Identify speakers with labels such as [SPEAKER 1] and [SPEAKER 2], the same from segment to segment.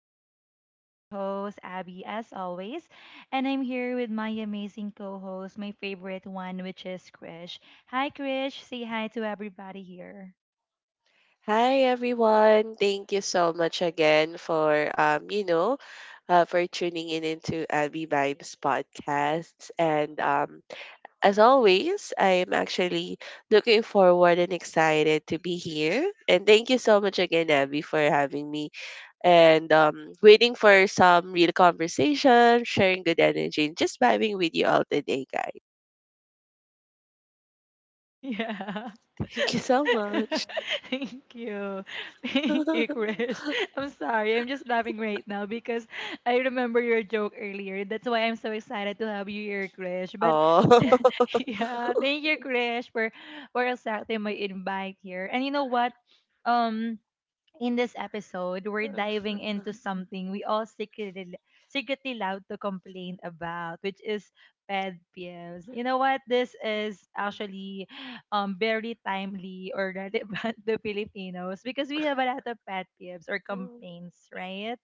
[SPEAKER 1] Vibes. This is your host, Abby, as always. And I'm here with my amazing co host, my favorite one, which is Krish. Hi, Krish. Say hi to everybody here.
[SPEAKER 2] Hi everyone. Thank you so much again for tuning in into Abby Vibes podcasts. And as always, I am actually looking forward and excited to be here. And thank you so much again, Abby, for having me. And waiting for some real conversation, sharing good energy, and just vibing with you all today, guys.
[SPEAKER 1] Yeah.
[SPEAKER 2] Thank you so much.
[SPEAKER 1] Thank you. Thank you, Chris. I'm sorry. I'm just laughing right now because I remember your joke earlier. That's why I'm so excited to have you here, Chris. But
[SPEAKER 2] Oh,
[SPEAKER 1] yeah, thank you, Chris, for accepting my invite here. And you know what? Um, in this episode, we're diving into something we all secretly love to complain about, which is pet peeves. You know what? This is actually very timely or relevant to Filipinos because we have a lot of pet peeves or complaints, right?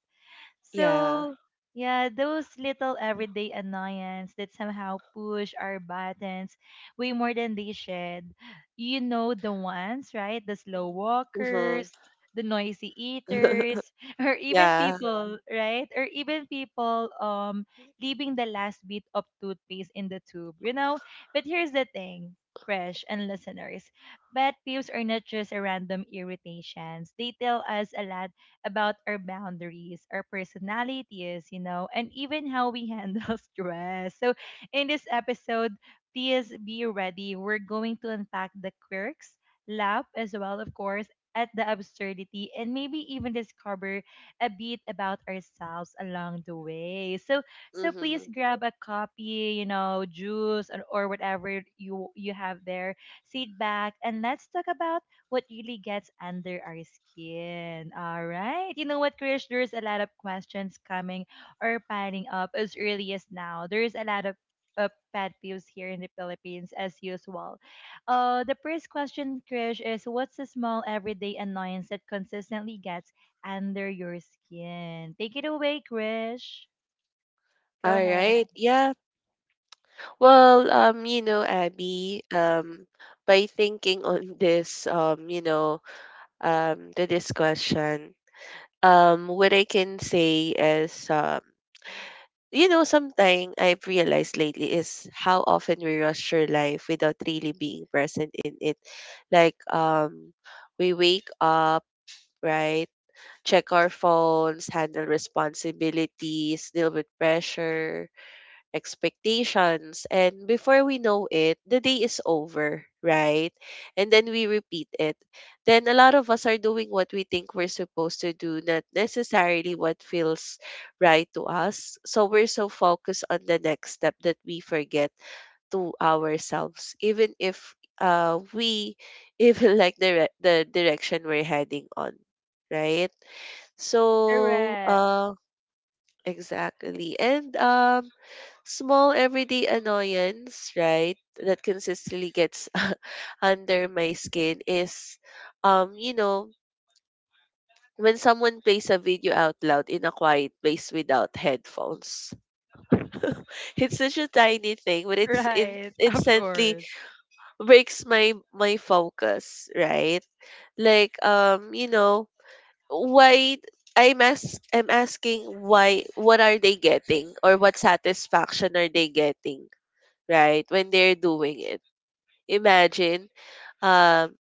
[SPEAKER 2] yeah.
[SPEAKER 1] So, yeah, those little everyday annoyance that somehow push our buttons way more than they should. You know the ones, right? The slow
[SPEAKER 2] Mhm.
[SPEAKER 1] walkers, the noisy eaters, or even
[SPEAKER 2] Yeah.
[SPEAKER 1] people, right? Or even people leaving the last bit of toothpaste in the tube, you know? But here's the thing, Crash and listeners. Pet peeves are not just a random irritations. They tell us a lot about our boundaries, our personalities, you know, and even how we handle stress. So, in this episode, please be ready. We're going to unpack the quirks, laugh as well, of course, at the absurdity, and maybe even discover a bit about ourselves along the way. So
[SPEAKER 2] Mm-hmm.
[SPEAKER 1] please grab a copy, you know, juice or whatever you have there. Sit back and let's talk about what really gets under our skin. All right. You know what, Krish? There's a lot of questions coming or piling up as early as now. There's a lot of uh, pet peeves here in the Philippines as usual. The first question, Krish, is what's a small everyday annoyance that consistently gets under your skin? Take it away, Krish.
[SPEAKER 2] All
[SPEAKER 1] Go ahead.
[SPEAKER 2] right. Yeah. Well, um, you know, Abby, um, by thinking on this, the discussion, what I can say is, something I've realized lately is how often we rush your life without really being present in it. Like, um, we wake up, right? Check our phones, handle responsibilities, deal with pressure, expectations, and before we know it, the day is over, right? And then we repeat it. Then a lot of us are doing what we think we're supposed to do, not necessarily what feels right to us. So we're so focused on the next step that we forget to ourselves even if we even like the direction we're heading on, right? So,
[SPEAKER 1] Correct.
[SPEAKER 2] exactly. And small everyday annoyance, right, that consistently gets under my skin is, um, you know, when someone plays a video out loud in a quiet place without headphones. It's such a tiny thing, but it's in
[SPEAKER 1] Right. Of
[SPEAKER 2] instantly
[SPEAKER 1] course.
[SPEAKER 2] breaks my focus, right? Like, um, you know, why I'm asking why, what are they getting or what satisfaction are they getting right when they're doing it? Imagine, um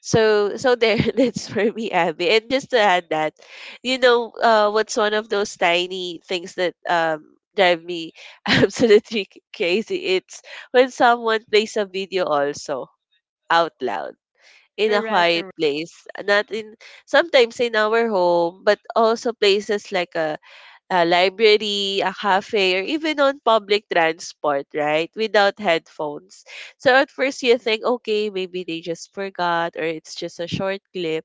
[SPEAKER 2] there. That's for me, Abby. And just to add that, what's one of those tiny things that drive me absolutely crazy? It's when someone plays a video also out loud in a
[SPEAKER 1] Correct.
[SPEAKER 2] quiet
[SPEAKER 1] Correct.
[SPEAKER 2] place. Not in sometimes in our home, but also places like a library, a cafe, or even on public transport, right? Without headphones. So at first you think, okay, maybe they just forgot or it's just a short clip.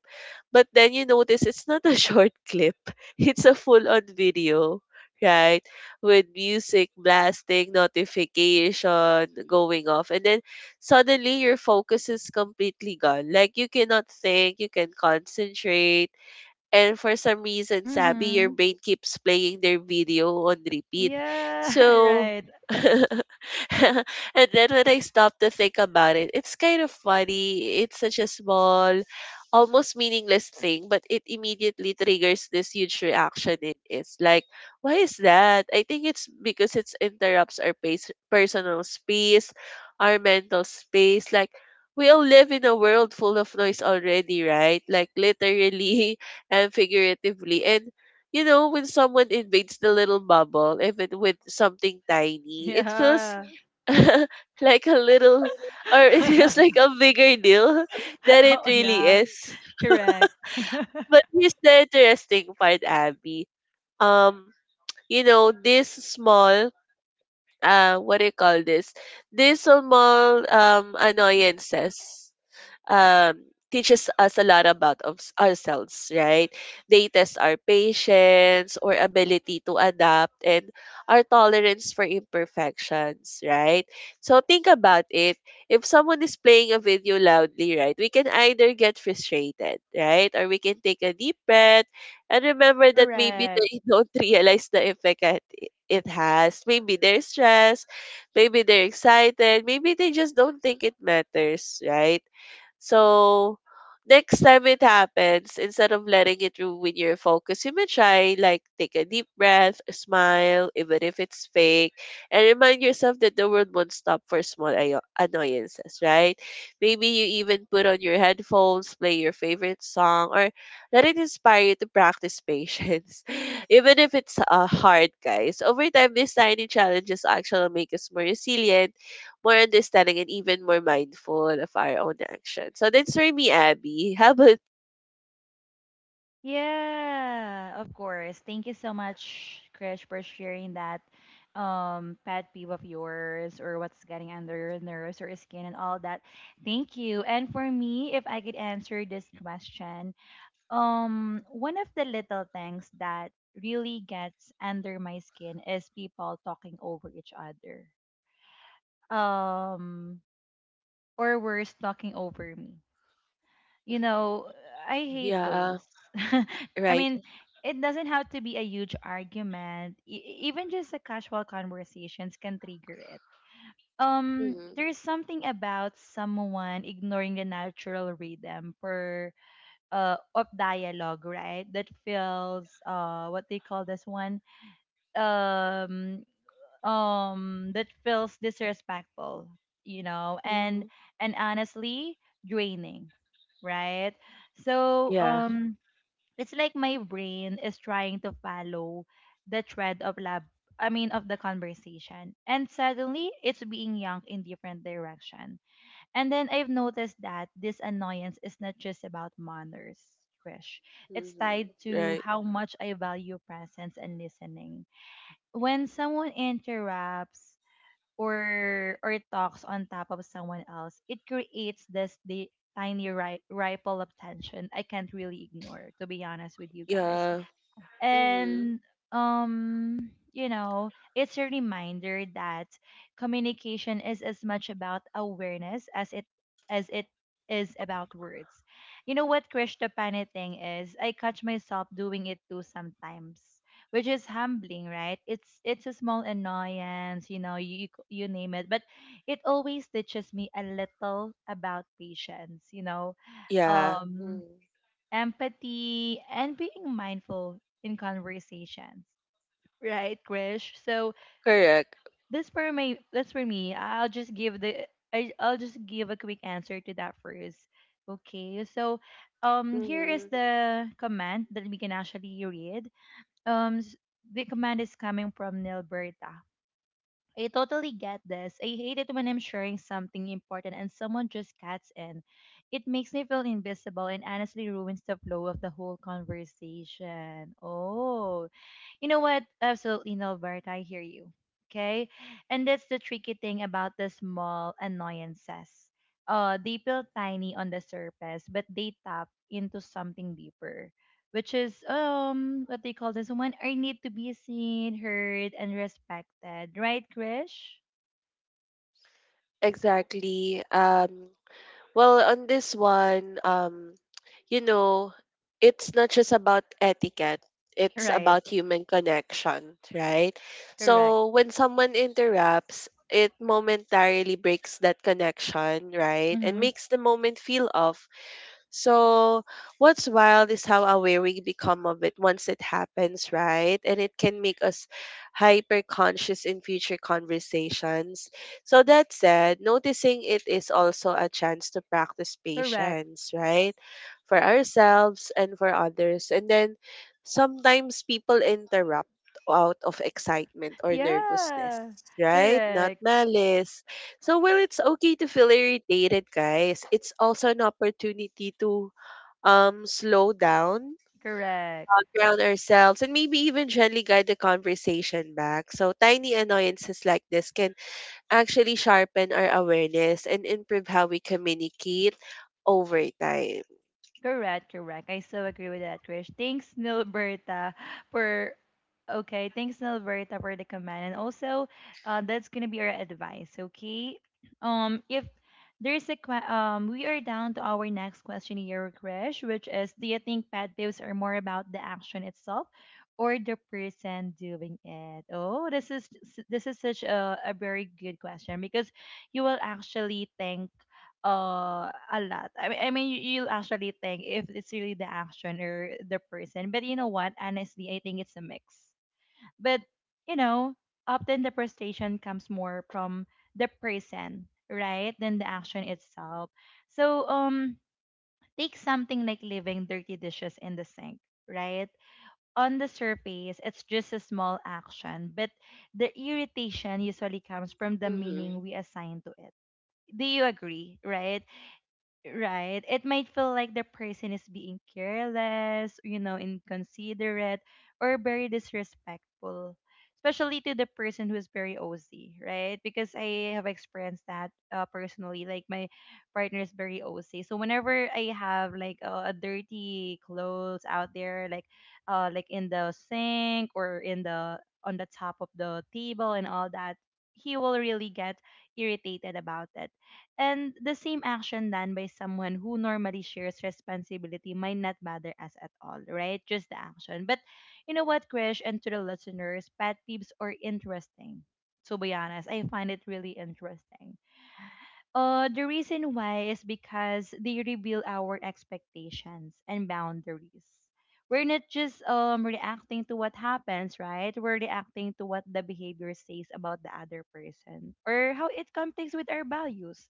[SPEAKER 2] But then you notice it's not a short clip, it's a full on video, right? With music blasting, notification going off. And then suddenly your focus is completely gone. Like you cannot think, you can concentrate, and for some reason, Sabi,
[SPEAKER 1] Mm-hmm.
[SPEAKER 2] your brain keeps playing their video on repeat.
[SPEAKER 1] Yeah.
[SPEAKER 2] So,
[SPEAKER 1] Right.
[SPEAKER 2] and then when I stop to think about it, it's kind of funny. It's such a small, almost meaningless thing, but it immediately triggers this huge reaction in us. Like, why is that? I think it's because it interrupts our pace, personal space, our mental space. Like, we all live in a world full of noise already, right? Like, literally and figuratively. And you know, when someone invades the little bubble, even with something tiny, it feels
[SPEAKER 1] Yeah.
[SPEAKER 2] like a little, or it feels like a bigger deal than it
[SPEAKER 1] Oh,
[SPEAKER 2] really
[SPEAKER 1] yeah.
[SPEAKER 2] is.
[SPEAKER 1] Correct.
[SPEAKER 2] But here's the interesting part, Abby. Um, you know, this small what do you call this? These small annoyances um, teaches us a lot about of ourselves, right? They test our patience or ability to adapt and our tolerance for imperfections, right? So think about it. If someone is playing a video loudly, right, we can either get frustrated, right? Or we can take a deep breath and remember that maybe
[SPEAKER 1] Correct.
[SPEAKER 2] they don't realize the effect that it has. Maybe they're stressed, maybe they're excited, maybe they just don't think it matters, right? So next time it happens, instead of letting it ruin your focus, you may try like take a deep breath, smile, even if it's fake, and remind yourself that the world won't stop for small annoyances, right? Maybe you even put on your headphones, play your favorite song, or let it inspire you to practice patience. Even if it's hard, guys. Over time, these tiny challenges actually make us more resilient, more understanding, and even more mindful of our own action. So that's for me, Abby. How about
[SPEAKER 1] Yeah, of course. Thank you so much, Krish, for sharing that pet peeve of yours or what's getting under your nerves or skin and all that. Thank you. And for me, if I could answer this question, one of the little things that really gets under my skin is people talking over each other. Um or worse, talking over me, you know, I hate
[SPEAKER 2] yeah,
[SPEAKER 1] those. I
[SPEAKER 2] right.
[SPEAKER 1] mean, it doesn't have to be a huge argument. Even just a casual conversations can trigger it.
[SPEAKER 2] Hmm.
[SPEAKER 1] There's something about someone ignoring the natural rhythm for of dialogue, right? That feels what they call this one um that feels disrespectful, you know,
[SPEAKER 2] Mm.
[SPEAKER 1] and honestly draining, right? so
[SPEAKER 2] Yeah.
[SPEAKER 1] um it's like my brain is trying to follow the thread of lab I mean of the conversation and suddenly it's being yanked in different direction. And then I've noticed that this annoyance is not just about manners, Krish. It's
[SPEAKER 2] Hmm.
[SPEAKER 1] tied to
[SPEAKER 2] Right.
[SPEAKER 1] how much I value presence and listening. When someone interrupts or talks on top of someone else, it creates this the tiny ripple of tension I can't really ignore, to be honest with you guys.
[SPEAKER 2] Yeah. Hmm.
[SPEAKER 1] And um you know, it's a reminder that communication is as much about awareness as it is about words. You know what, Krish, the funny thing is I catch myself doing it too sometimes, which is humbling, right? It's a small annoyance, you know, you name it, but it always teaches me a little about patience, you know,
[SPEAKER 2] Yeah.
[SPEAKER 1] um
[SPEAKER 2] Hmm.
[SPEAKER 1] empathy, and being mindful in conversations. Right, Krish? So
[SPEAKER 2] Correct.
[SPEAKER 1] this for me that's for me. I'll just give a quick answer to that first. Okay, so here is
[SPEAKER 2] Mm.
[SPEAKER 1] the comment that we can actually read. Um s- the command is coming from Nilberta. I totally get this. I hate it when I'm sharing something important and someone just cuts in. It makes me feel invisible and honestly ruins the flow of the whole conversation. Oh, you know what? Absolutely no, Bert. I hear you. Okay. And that's the tricky thing about the small annoyances. They feel tiny on the surface, but they tap into something deeper, which is what they call this one. I need to be seen, heard, and respected. Right, Krish?
[SPEAKER 2] Exactly. Well, on this one, you know, it's not just about etiquette, it's
[SPEAKER 1] Right.
[SPEAKER 2] about human connection, right?
[SPEAKER 1] Correct.
[SPEAKER 2] So when someone interrupts, it momentarily breaks that connection, right? And
[SPEAKER 1] Mm-hmm.
[SPEAKER 2] makes the moment feel off. So, what's wild is how aware we become of it once it happens, right? And it can make us hyper conscious in future conversations. So, that said, noticing it is also a chance to practice
[SPEAKER 1] Correct.
[SPEAKER 2] patience, right? For ourselves and for others. And then sometimes people interrupt out of excitement or nervousness,
[SPEAKER 1] Yeah.
[SPEAKER 2] right? Not
[SPEAKER 1] Correct.
[SPEAKER 2] malice. So while it's okay to feel irritated, guys, it's also an opportunity to slow down,
[SPEAKER 1] Correct.
[SPEAKER 2] ground ourselves, and maybe even gently guide the conversation back. So tiny annoyances like this can actually sharpen our awareness and improve how we communicate over time.
[SPEAKER 1] Correct. Correct. I so agree with that, Krish. Thanks, Nilberta, for Okay, thanks, Alberta, for the comment. And also, that's gonna be our advice, okay? If there's a que- We are down to our next question here, Krish, which is, do you think pet peeves are more about the action itself or the person doing it? Oh, this is such a very good question because you will actually think a lot I mean, I mean you'll actually think if it's really the action or the person. But you know what, honestly I think it's a mix. But, you know, often the frustration comes more from the person, right, than the action itself. So, take something like leaving dirty dishes in the sink, right? On the surface, it's just a small action, but the irritation usually comes from the
[SPEAKER 2] Mhm.
[SPEAKER 1] meaning we assign to it. Do you agree, right? Right. It might feel like the person is being careless, you know, inconsiderate, or very disrespectful, especially to the person who is very OC, right? Because I have experienced that personally. Like, my partner is very OC. So, whenever I have like a dirty clothes out there, like, in the sink or in the on the top of the table and all that, he will really get irritated about it. And the same action done by someone who normally shares responsibility might not bother us at all, right? Just the action. But you know what, Krish, and to the listeners, pet peeves are interesting. To be honest, I find it really interesting. The reason why is because they reveal our expectations and boundaries. We're not just reacting to what happens, right? We're reacting to what the behavior says about the other person or how it conflicts with our values.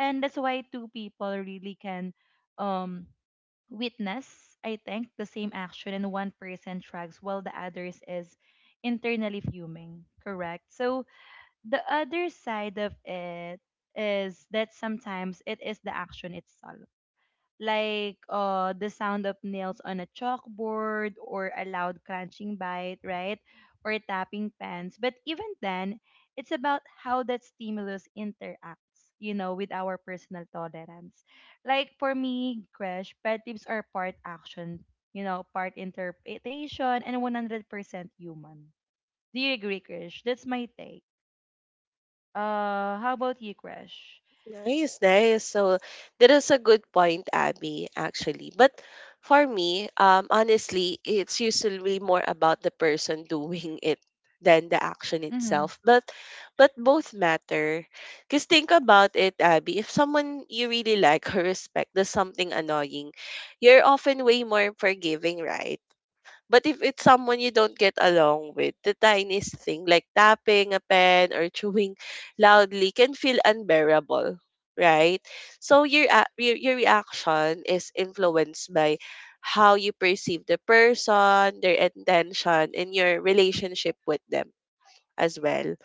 [SPEAKER 1] And that's why two people really can um witness, I think, the same action and one person shrugs while the others is internally fuming, correct? So the other side of it is that sometimes it is the action itself, like the sound of nails on a chalkboard or a loud crunching bite, right? Or tapping pens. But even then, it's about how that stimulus interacts, you know, with our personal tolerance. Like for me, Crash, pet peeves are part action, you know, part interpretation, and 100% human. Do you agree, Krish? That's my take. How about you, Krish?
[SPEAKER 2] Nice, nice. So that is a good point, Abby, actually. But for me, honestly, it's usually more about the person doing it than the action
[SPEAKER 1] Mm-hmm.
[SPEAKER 2] itself. But both matter. Because think about it, Abby, if someone you really like or respect does something annoying, you're often way more forgiving, right? But if it's someone you don't get along with, the tiniest thing like tapping a pen or chewing loudly can feel unbearable, right? So your reaction is influenced by how you perceive the person, their intention, and your relationship with them as well.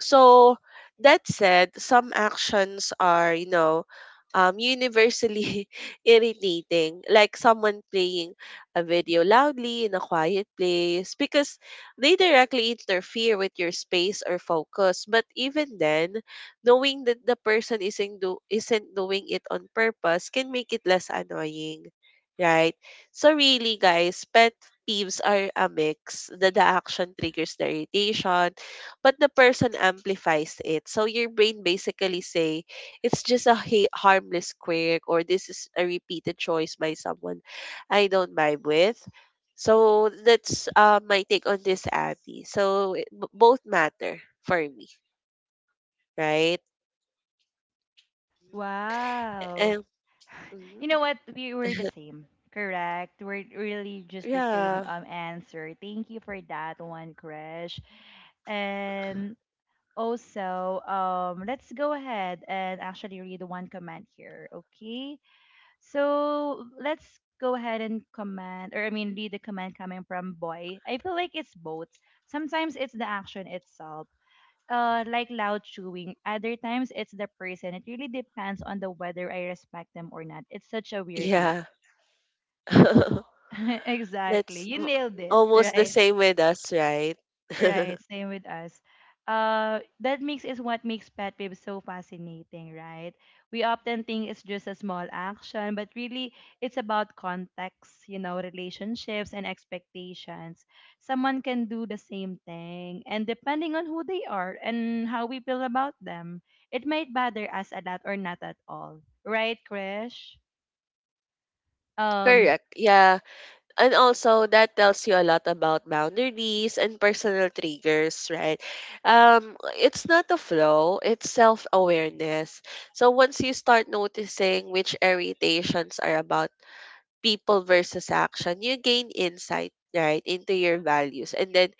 [SPEAKER 2] So that said, some actions are, you know, universally irritating, like someone playing a video loudly in a quiet place because they directly interfere with your space or focus. But even then, knowing that the person isn't doing it on purpose can make it less annoying, right? So, really, guys, pet peeves are a mix. The action triggers the irritation but the person amplifies it. So your brain basically say, it's just a harmless quirk, or this is a repeated choice by someone I don't vibe with. So that's my take on this, Abby. So both matter for me, right?
[SPEAKER 1] Wow.
[SPEAKER 2] And
[SPEAKER 1] You
[SPEAKER 2] mhm,
[SPEAKER 1] know what? We were the same. Correct. We're really just the same
[SPEAKER 2] yeah,
[SPEAKER 1] answer. Thank you for that one, Krish. And also, let's go ahead and actually read one comment here, okay? So let's go ahead and comment, or I mean, read the comment coming from Boy. I feel like it's both. Sometimes it's the action itself, like loud chewing. Other times it's the person. It really depends on the whether I respect them or not. It's such a weird mix.
[SPEAKER 2] yeah,
[SPEAKER 1] Exactly.
[SPEAKER 2] that's
[SPEAKER 1] You nailed it,
[SPEAKER 2] almost the
[SPEAKER 1] right?
[SPEAKER 2] same with us, right?
[SPEAKER 1] Right, same with us. That mix is what makes Pet Babe so fascinating, right? We often think it's just a small action, but really it's about context, you know, relationships and expectations. Someone can do the same thing, and depending on who they are and how we feel about them, it might bother us a lot or not at all. Right, Krish? Um,
[SPEAKER 2] Correct. Yeah. And also that tells you a lot about boundaries and personal triggers, right? It's not a flow, it's self awareness. So once you start noticing which irritations are about people versus action, you gain insight, right, into your values and then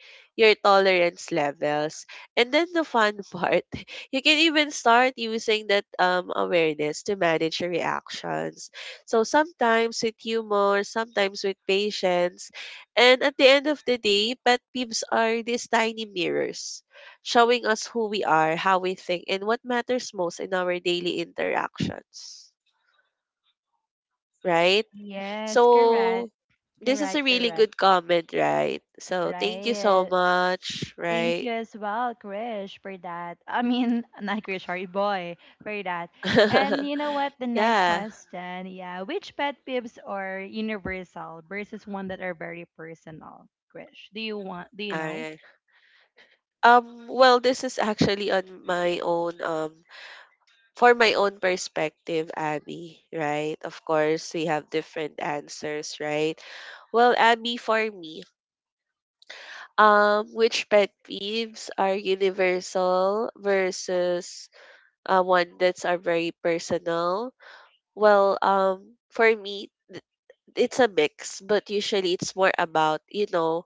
[SPEAKER 2] your tolerance levels. And then the fun part, you can even start using that awareness to manage your reactions. So sometimes with humor, sometimes with patience. And at the end of the day, pet peeves are these tiny mirrors showing us who we are, how we think, and what matters most in our daily interactions. Right?
[SPEAKER 1] yes, correct,
[SPEAKER 2] So, this is a
[SPEAKER 1] correct,
[SPEAKER 2] really
[SPEAKER 1] correct,
[SPEAKER 2] good comment, right? So thank you so
[SPEAKER 1] right.
[SPEAKER 2] much,
[SPEAKER 1] Thank
[SPEAKER 2] right?
[SPEAKER 1] you as well, Krish, for that. I
[SPEAKER 2] Mhm.
[SPEAKER 1] mean, not Krish, sorry, boy, for that. And you know what? The next
[SPEAKER 2] Yeah,
[SPEAKER 1] question, yeah, which pet peeves are universal versus one that are very personal, Krish? Do you want? Do you know?
[SPEAKER 2] alright. Well, this is actually on my own, for my own perspective, Abby, right? Of course, we have different answers, right? Well, Abby, for me, which pet peeves are universal versus one that's are very personal? Well, for me, it's a mix, but usually it's more about, you know,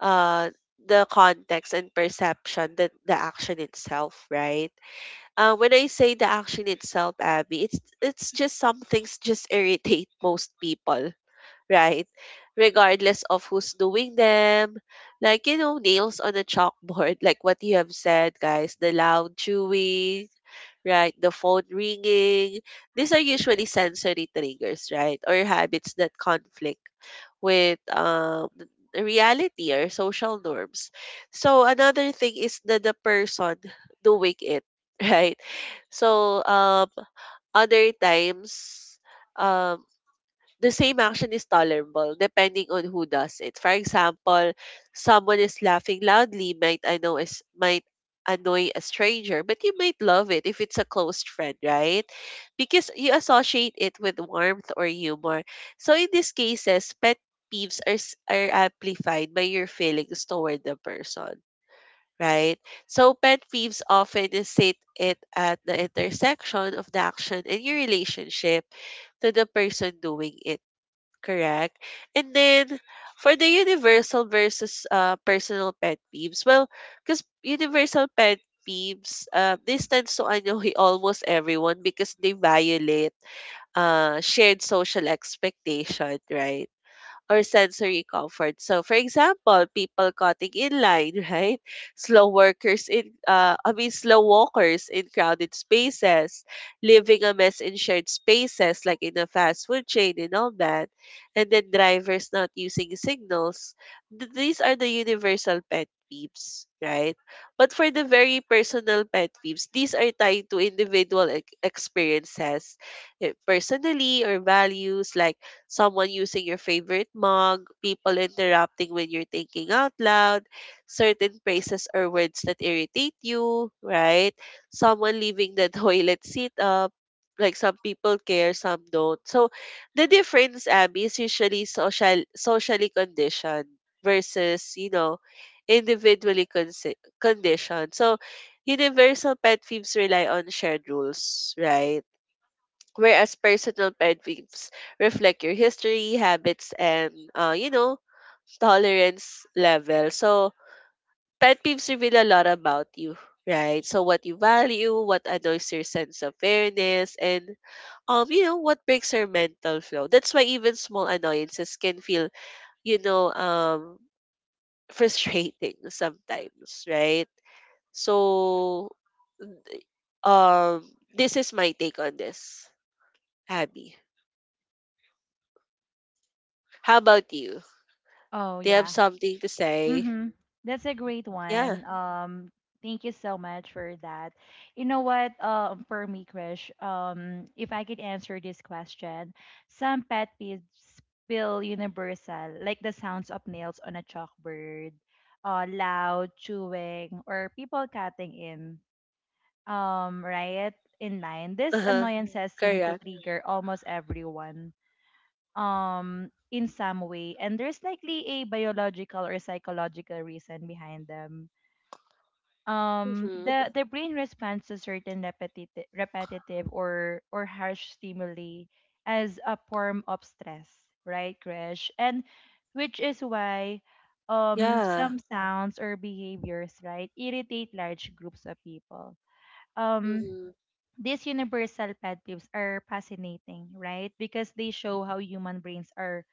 [SPEAKER 2] uh, the context and perception than the action itself, right? When I say the action itself, Abby, it's just some things just irritate most people, right? Regardless of who's doing them, like you know, nails on a chalkboard, like what you have said, guys, the loud chewing, right? The phone ringing. These are usually sensory triggers, right? Or habits that conflict with the reality or social norms. So another thing is the person doing it, right? So other times, um, the same action is tolerable depending on who does it. For example, someone is laughing loudly might I know is might annoy a stranger, but you might love it if it's a close friend, right? Because you associate it with warmth or humor. So in these cases, pet peeves are are amplified by your feelings toward the person. Right? So pet peeves often sit it at the intersection of the action and your relationship to the person doing it. Correct. And then for the universal versus personal pet peeves, well, because universal pet peeves, this tends to annoy almost everyone because they violate shared social expectation, right? Or sensory comfort. So, for example, people cutting in line, right? Slow workers in, I mean, slow walkers in crowded spaces, leaving a mess in shared spaces, like in a fast food chain and all that. And then drivers not using signals. These are the universal pet peeves, right? But for the very personal pet peeves, these are tied to individual experiences, personally or values like someone using your favorite mug, people interrupting when you're thinking out loud, certain phrases or words that irritate you, right? Someone leaving the toilet seat up. Like some people care, some don't. So the difference, Abby, is usually socially conditioned versus, individually conditioned. So universal pet peeves rely on shared rules, right? Whereas personal pet peeves reflect your history, habits, and, tolerance level. So, pet peeves reveal a lot about you, right? So, what you value, what annoys your sense of fairness, and, what breaks your mental flow. That's why even small annoyances can feel, you know, um, frustrating sometimes, right? So, um, this is my take on this, Abby. How about you?
[SPEAKER 1] Oh
[SPEAKER 2] They have
[SPEAKER 1] yeah,
[SPEAKER 2] something to say.
[SPEAKER 1] Mm-hmm. That's a great
[SPEAKER 2] Yeah.
[SPEAKER 1] one. Thank you so much for that. You know what? For me, Krish, if I could answer this question, some pet peeves feel universal, like the sounds of nails on a chalkboard, loud chewing, or people cutting in, right? In line. These
[SPEAKER 2] Uh-huh.
[SPEAKER 1] annoyances seem to
[SPEAKER 2] Correct.
[SPEAKER 1] trigger almost everyone in some way, and there's likely a biological or psychological reason behind them. um
[SPEAKER 2] Mm-hmm.
[SPEAKER 1] the the brain responds to certain repetitive or harsh stimuli as a form of stress, right, Crash? And which is why
[SPEAKER 2] Yeah.
[SPEAKER 1] some sounds or behaviors, right, irritate large groups of people. um
[SPEAKER 2] Mm-hmm.
[SPEAKER 1] these universal pet peeves are fascinating, right? Because they show how human brains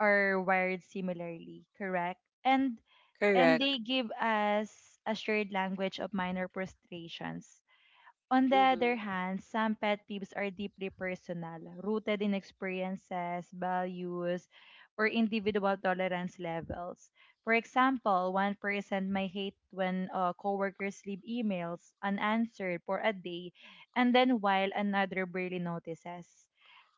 [SPEAKER 1] are wired similarly, correct? And
[SPEAKER 2] Correct.
[SPEAKER 1] they give us a shared language of minor frustrations. On the
[SPEAKER 2] Mm-hmm.
[SPEAKER 1] other hand, some pet peeves are deeply personal, rooted in experiences, values, or individual tolerance levels. For example, one person may hate when coworkers leave emails unanswered for a day, and then while another barely notices.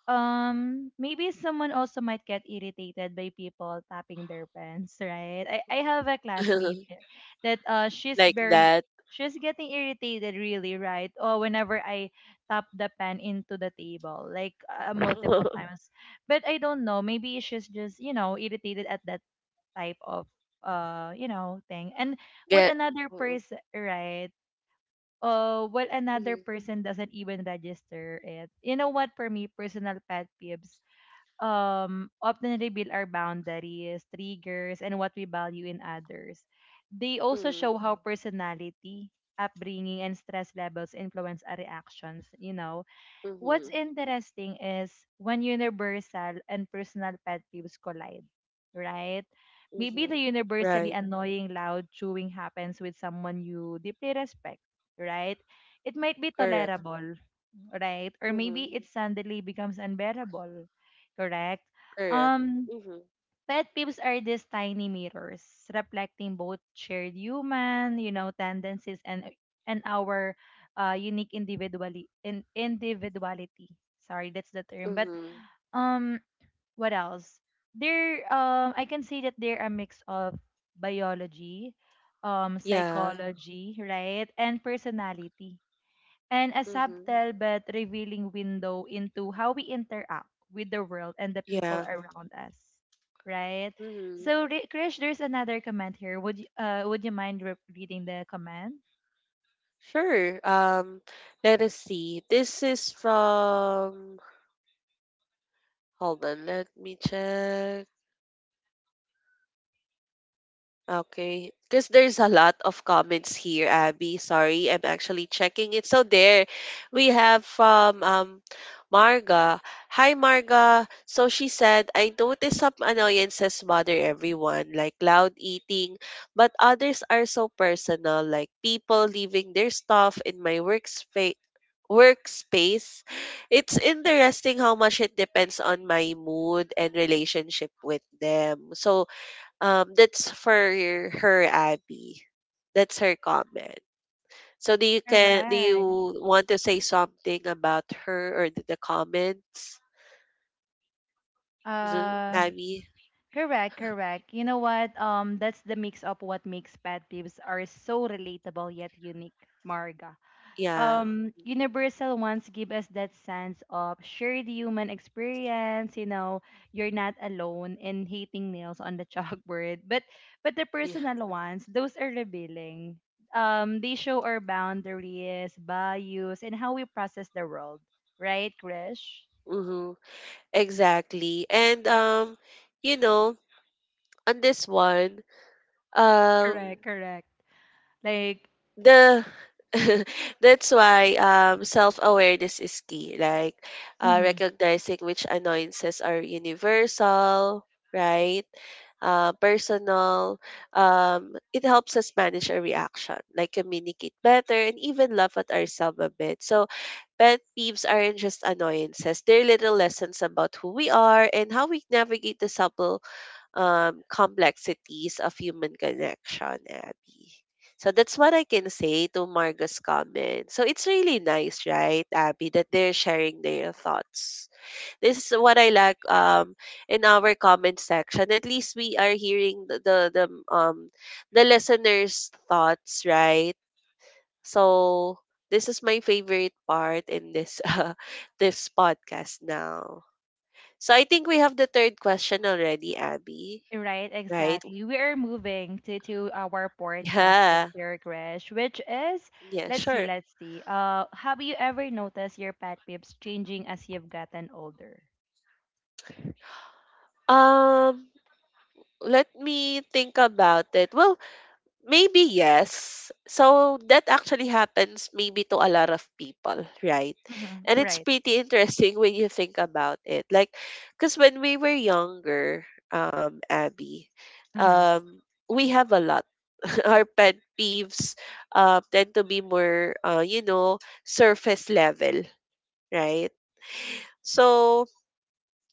[SPEAKER 1] Maybe someone also might get irritated by people tapping their pens, right? I have a classmate that she's
[SPEAKER 2] like
[SPEAKER 1] very
[SPEAKER 2] that.
[SPEAKER 1] she's getting irritated, really, right, oh, whenever I tap the pen into the table, like multiple times. But I don't know, maybe she's just irritated at that type of thing. And what
[SPEAKER 2] Get.
[SPEAKER 1] another
[SPEAKER 2] Mm-hmm.
[SPEAKER 1] person, right, what another person doesn't even register it. You know what? For me, personal pet peeves often reveal our boundaries, triggers, and what we value in others. They also
[SPEAKER 2] Mm-hmm.
[SPEAKER 1] show how personality, upbringing, and stress levels influence our reactions. You know, what's
[SPEAKER 2] Mm-hmm.
[SPEAKER 1] interesting is when universal and personal pet peeves collide, right? Maybe
[SPEAKER 2] Mm-hmm.
[SPEAKER 1] the universally
[SPEAKER 2] Right.
[SPEAKER 1] annoying loud chewing happens with someone you deeply respect, right? It might be
[SPEAKER 2] Correct.
[SPEAKER 1] tolerable, right? Or
[SPEAKER 2] Mm-hmm.
[SPEAKER 1] maybe it suddenly becomes unbearable, correct?
[SPEAKER 2] Correct.
[SPEAKER 1] Um,
[SPEAKER 2] Mm-hmm.
[SPEAKER 1] Pet peeves are these tiny mirrors reflecting both shared human, tendencies, and our unique individuality. Sorry, that's the term. But
[SPEAKER 2] Mm-hmm.
[SPEAKER 1] um, what else? I can say that they're a mix of biology,
[SPEAKER 2] Yeah.
[SPEAKER 1] psychology, right, and personality, and a
[SPEAKER 2] Mm-hmm.
[SPEAKER 1] subtle but revealing window into how we interact with the world and the people
[SPEAKER 2] Yeah.
[SPEAKER 1] around us, right?
[SPEAKER 2] Mm-hmm.
[SPEAKER 1] So, Krish, there's another comment here. Would you mind reading the comment?
[SPEAKER 2] Sure. Let us see. This is from. Hold on. Let me check. Okay, because there's a lot of comments here, Abby. Sorry, I'm actually checking it. So there, we have from Marga. Hi, Marga. So she said, I notice some annoyances bother everyone, like loud eating, but others are so personal, like people leaving their stuff in my workspace. It's interesting how much it depends on my mood and relationship with them. So that's for her, Abby. That's her comment. So do you
[SPEAKER 1] Correct.
[SPEAKER 2] want to say something about her or the comments, Mhm,
[SPEAKER 1] Uh,
[SPEAKER 2] Abby?
[SPEAKER 1] correct. You know what? That's the mix of what makes pet peeves are so relatable yet unique, Marga.
[SPEAKER 2] Yeah. Mhm.
[SPEAKER 1] Universal ones give us that sense of shared human experience. You know, you're not alone in hating nails on the chalkboard. But the
[SPEAKER 2] Yeah.
[SPEAKER 1] personal ones, those are revealing. They show our boundaries, values, and how we process the world, right, Krish?
[SPEAKER 2] hmm Exactly. And you know, on this one, um,
[SPEAKER 1] Correct, correct. Like,
[SPEAKER 2] the that's why self-awareness is key. Like,
[SPEAKER 1] mhm.
[SPEAKER 2] recognizing which annoyances are universal, right, personal, it helps us manage our reaction, like communicate better and even laugh at ourselves a bit. So pet peeves aren't just annoyances, they're little lessons about who we are and how we navigate the subtle complexities of human connection, Abby. So that's what I can say to Marga's comment. So it's really nice, right, Abby, that they're sharing their thoughts. This is what I like in our comment section. At least we are hearing um the listeners' thoughts, right? So this is my favorite part in this this podcast now. So I think we have the third question already, Abby.
[SPEAKER 1] Right,
[SPEAKER 2] Right?
[SPEAKER 1] exactly. We are moving to our port question
[SPEAKER 2] Yeah.
[SPEAKER 1] here, Grish, which is,
[SPEAKER 2] Yeah,
[SPEAKER 1] let's see,
[SPEAKER 2] sure.
[SPEAKER 1] let's see. Have you ever noticed your pet peeves changing as you've gotten older?
[SPEAKER 2] Um, let me think about it. Well, maybe yes. So that actually happens maybe to a lot of people, right?
[SPEAKER 1] Mm-hmm.
[SPEAKER 2] And it's
[SPEAKER 1] Right.
[SPEAKER 2] pretty interesting when you think about it. Like, because when we were younger, Abby,
[SPEAKER 1] Mm-hmm.
[SPEAKER 2] um, we have a lot. Our pet peeves tend to be more, surface level, right? So,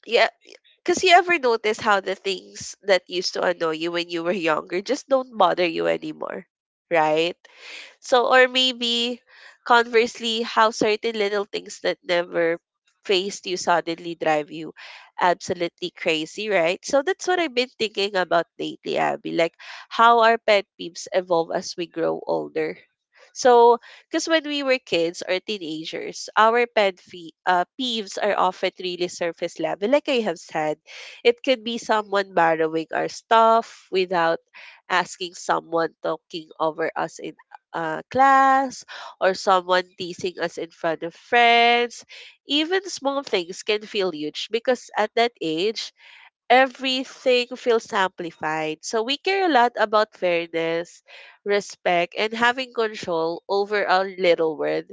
[SPEAKER 2] yeah, because you ever notice how the things that used to annoy you when you were younger just don't bother you anymore, right? So, or maybe conversely, how certain little things that never faced you suddenly drive you absolutely crazy, right? So, that's what I've been thinking about lately, Abby. Like, how our pet peeves evolve as we grow older. So, because when we were kids or teenagers, our peeves are often really surface level. Like I have said, it could be someone borrowing our stuff without asking, someone talking over us in class, or someone teasing us in front of friends. Even small things can feel huge because at that age, everything feels amplified. So we care a lot about fairness, respect, and having control over our little world.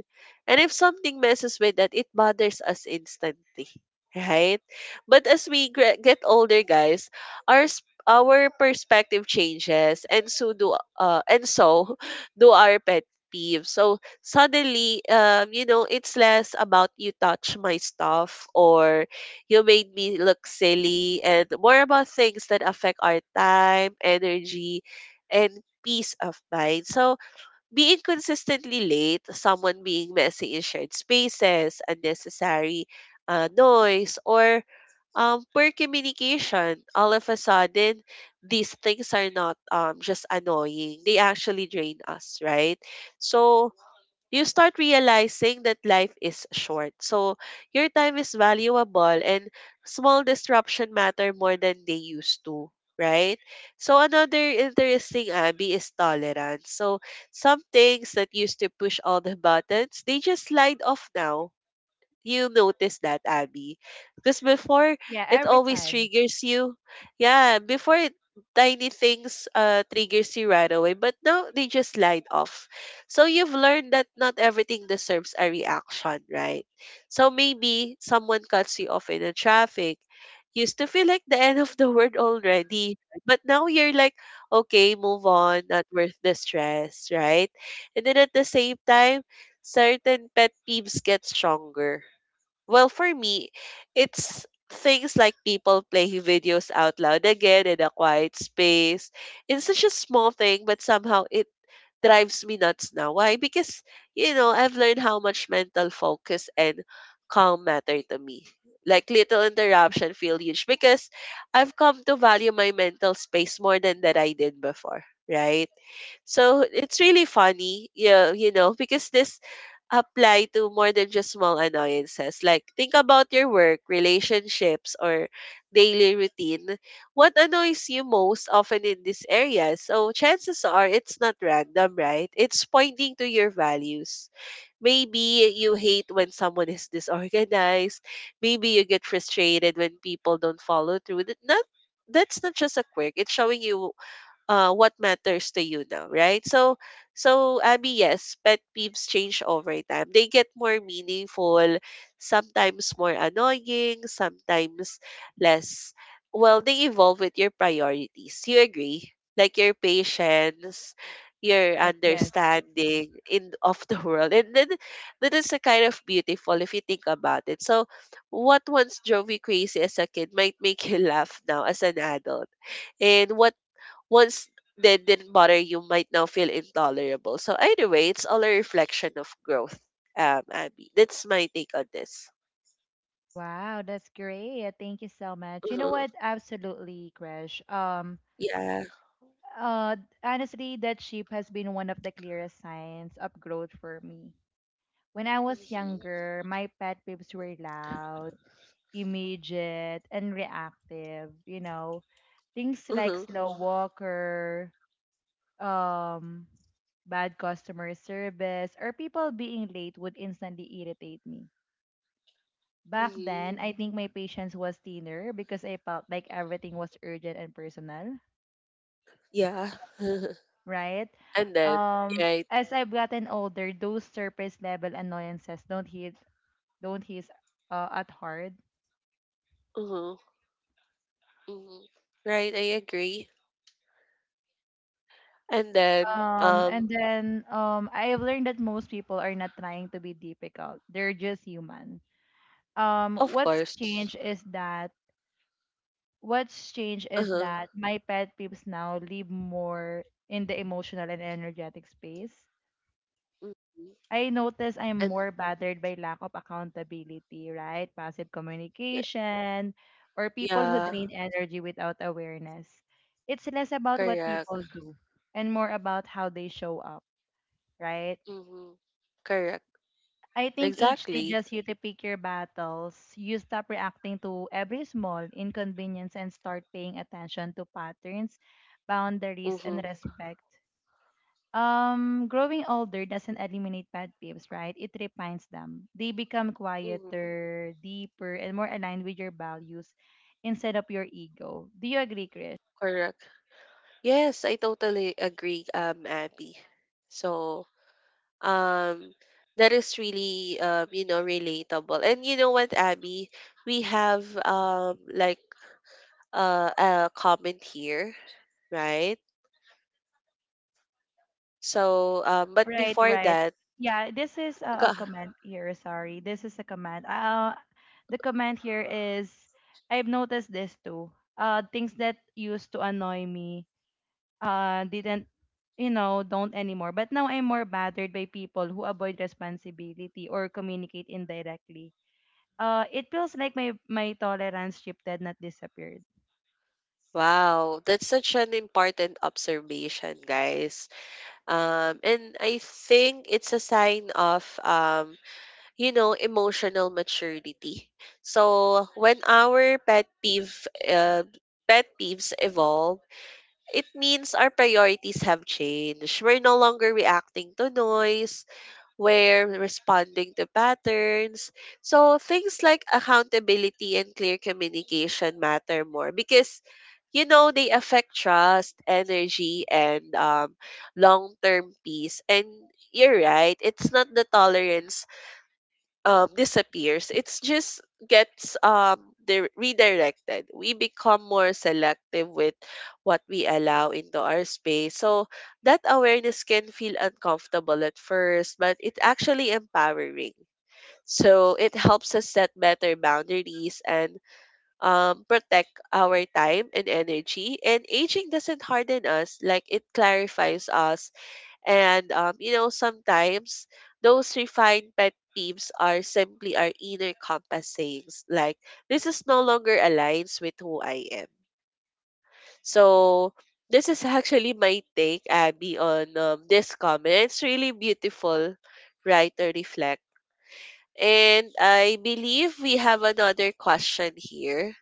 [SPEAKER 2] And if something messes with that, it bothers us instantly, right? But as get older, guys, our perspective changes, and so do our pet peeves. So suddenly, it's less about you touch my stuff or you made me look silly, and more about things that affect our time, energy, and peace of mind. So, being consistently late, someone being messy in shared spaces, unnecessary noise, or poor communication, all of a sudden, these things are not just annoying. They actually drain us, right? So, you start realizing that life is short. So your time is valuable and small disruption matter more than they used to, right? So another interesting, Abby, is tolerance. So some things that used to push all the buttons, they just slide off now. You notice that, Abby? Because before
[SPEAKER 1] Yeah,
[SPEAKER 2] it
[SPEAKER 1] every
[SPEAKER 2] always
[SPEAKER 1] time.
[SPEAKER 2] triggers you. Yeah, before it, tiny things triggers you right away, but now they just slide off. So you've learned that not everything deserves a reaction, right? So maybe someone cuts you off in the traffic. Used to feel like the end of the world already, but now you're like, okay, move on, not worth the stress, right? And then at the same time, certain pet peeves get stronger. Well, for me, it's things like people playing videos out loud again in a quiet space. It's such a small thing, but somehow it drives me nuts now. Why? Because, I've learned how much mental focus and calm matter to me. Like, little interruption feel huge because I've come to value my mental space more than that I did before, right? So it's really funny, yeah, because this apply to more than just small annoyances. Like, think about your work, relationships, or daily routine. What annoys you most often in this area? So chances are it's not random, right? It's pointing to your values. Maybe you hate when someone is disorganized. Maybe you get frustrated when people don't follow through. That's not just a quirk. It's showing you what matters to you now, right? so Abby, yes, pet peeves change over time. They get more meaningful, sometimes more annoying, sometimes less. Well, they evolve with your priorities. You agree? Like your patience, your
[SPEAKER 1] Yes, yes.
[SPEAKER 2] understanding in of the world, and then that is a kind of beautiful if you think about it. So, what once drove you crazy as a kid might make you laugh now as an adult, and what once they didn't bother you might now feel intolerable. So either way, it's all a reflection of growth. Abby, that's my take on this.
[SPEAKER 1] Wow, that's great. Thank you so much. You know
[SPEAKER 2] Mm-hmm.
[SPEAKER 1] what? Absolutely, Grish.
[SPEAKER 2] Yeah.
[SPEAKER 1] Uh, Honestly, that sheep has been one of the clearest signs of growth for me. When I was
[SPEAKER 2] Mm-hmm.
[SPEAKER 1] younger, my pet peeves were loud, immediate, and reactive. You know, things like
[SPEAKER 2] Mm-hmm.
[SPEAKER 1] slow walker, um, bad customer service, or people being late would instantly irritate me. Back then,
[SPEAKER 2] Mm-hmm.
[SPEAKER 1] I think my patience was thinner because I felt like everything was urgent and personal,
[SPEAKER 2] Yeah.
[SPEAKER 1] right?
[SPEAKER 2] and then
[SPEAKER 1] Um,
[SPEAKER 2] right.
[SPEAKER 1] as I've gotten older, those surface level annoyances don't hit at hard.
[SPEAKER 2] Mm-hmm. Mm-hmm. Right. I agree. And then
[SPEAKER 1] And then I have learned that most people are not trying to be difficult. They're just human. Um,
[SPEAKER 2] of
[SPEAKER 1] what's
[SPEAKER 2] course.
[SPEAKER 1] changed is that what's changed is
[SPEAKER 2] Uh-huh.
[SPEAKER 1] that my pet peeves now live more in the emotional and energetic space.
[SPEAKER 2] Mm-hmm.
[SPEAKER 1] I notice I'm
[SPEAKER 2] And
[SPEAKER 1] more bothered by lack of accountability, right? Passive
[SPEAKER 2] y-
[SPEAKER 1] communication, or people who
[SPEAKER 2] yeah,
[SPEAKER 1] drain energy without awareness. It's less about what
[SPEAKER 2] correct.
[SPEAKER 1] people do and more about how they show up, right?
[SPEAKER 2] Mm-hmm. Correct.
[SPEAKER 1] I think age
[SPEAKER 2] Exactly.
[SPEAKER 1] teaches you to pick your battles. You stop reacting to every small inconvenience and start paying attention to patterns, boundaries,
[SPEAKER 2] Mm-hmm.
[SPEAKER 1] and respect. Growing older doesn't eliminate pet peeves, right? It refines them. They become
[SPEAKER 2] Mm-hmm.
[SPEAKER 1] quieter, deeper, and more aligned with your values instead of your ego. Do you agree, Chris?
[SPEAKER 2] Correct. Yes, I totally agree, Abby. So, um, that is really, relatable. And you know what, Abby, we have like a comment here, right? So, but
[SPEAKER 1] Right,
[SPEAKER 2] before
[SPEAKER 1] right.
[SPEAKER 2] that,
[SPEAKER 1] Yeah, this is a
[SPEAKER 2] ga-
[SPEAKER 1] comment here. Sorry, this is a comment. The comment here is I've noticed this too. Things that used to annoy me, didn't, you know, don't anymore. But now I'm more bothered by people who avoid responsibility or communicate indirectly. It feels like my tolerance shifted, not disappeared.
[SPEAKER 2] wow, that's such an important observation, guys. And I think it's a sign of emotional maturity. So when our uh, pet peeves evolve, it means our priorities have changed. We're no longer reacting to noise. We're responding to patterns. So things like accountability and clear communication matter more because they affect trust, energy, and long-term peace. And you're right, it's not the tolerance disappears. It's just gets redirected. We become more selective with what we allow into our space. So that awareness can feel uncomfortable at first, but it's actually empowering. So it helps us set better boundaries and protect our time and energy. And aging doesn't harden us, like it clarifies us, and sometimes those refined pet peeves are simply our inner compass sayings, like this is no longer aligns with who I am. So this is actually my take, Abby, on this comment. It's really beautiful, right? To reflect. And I believe we have another question here.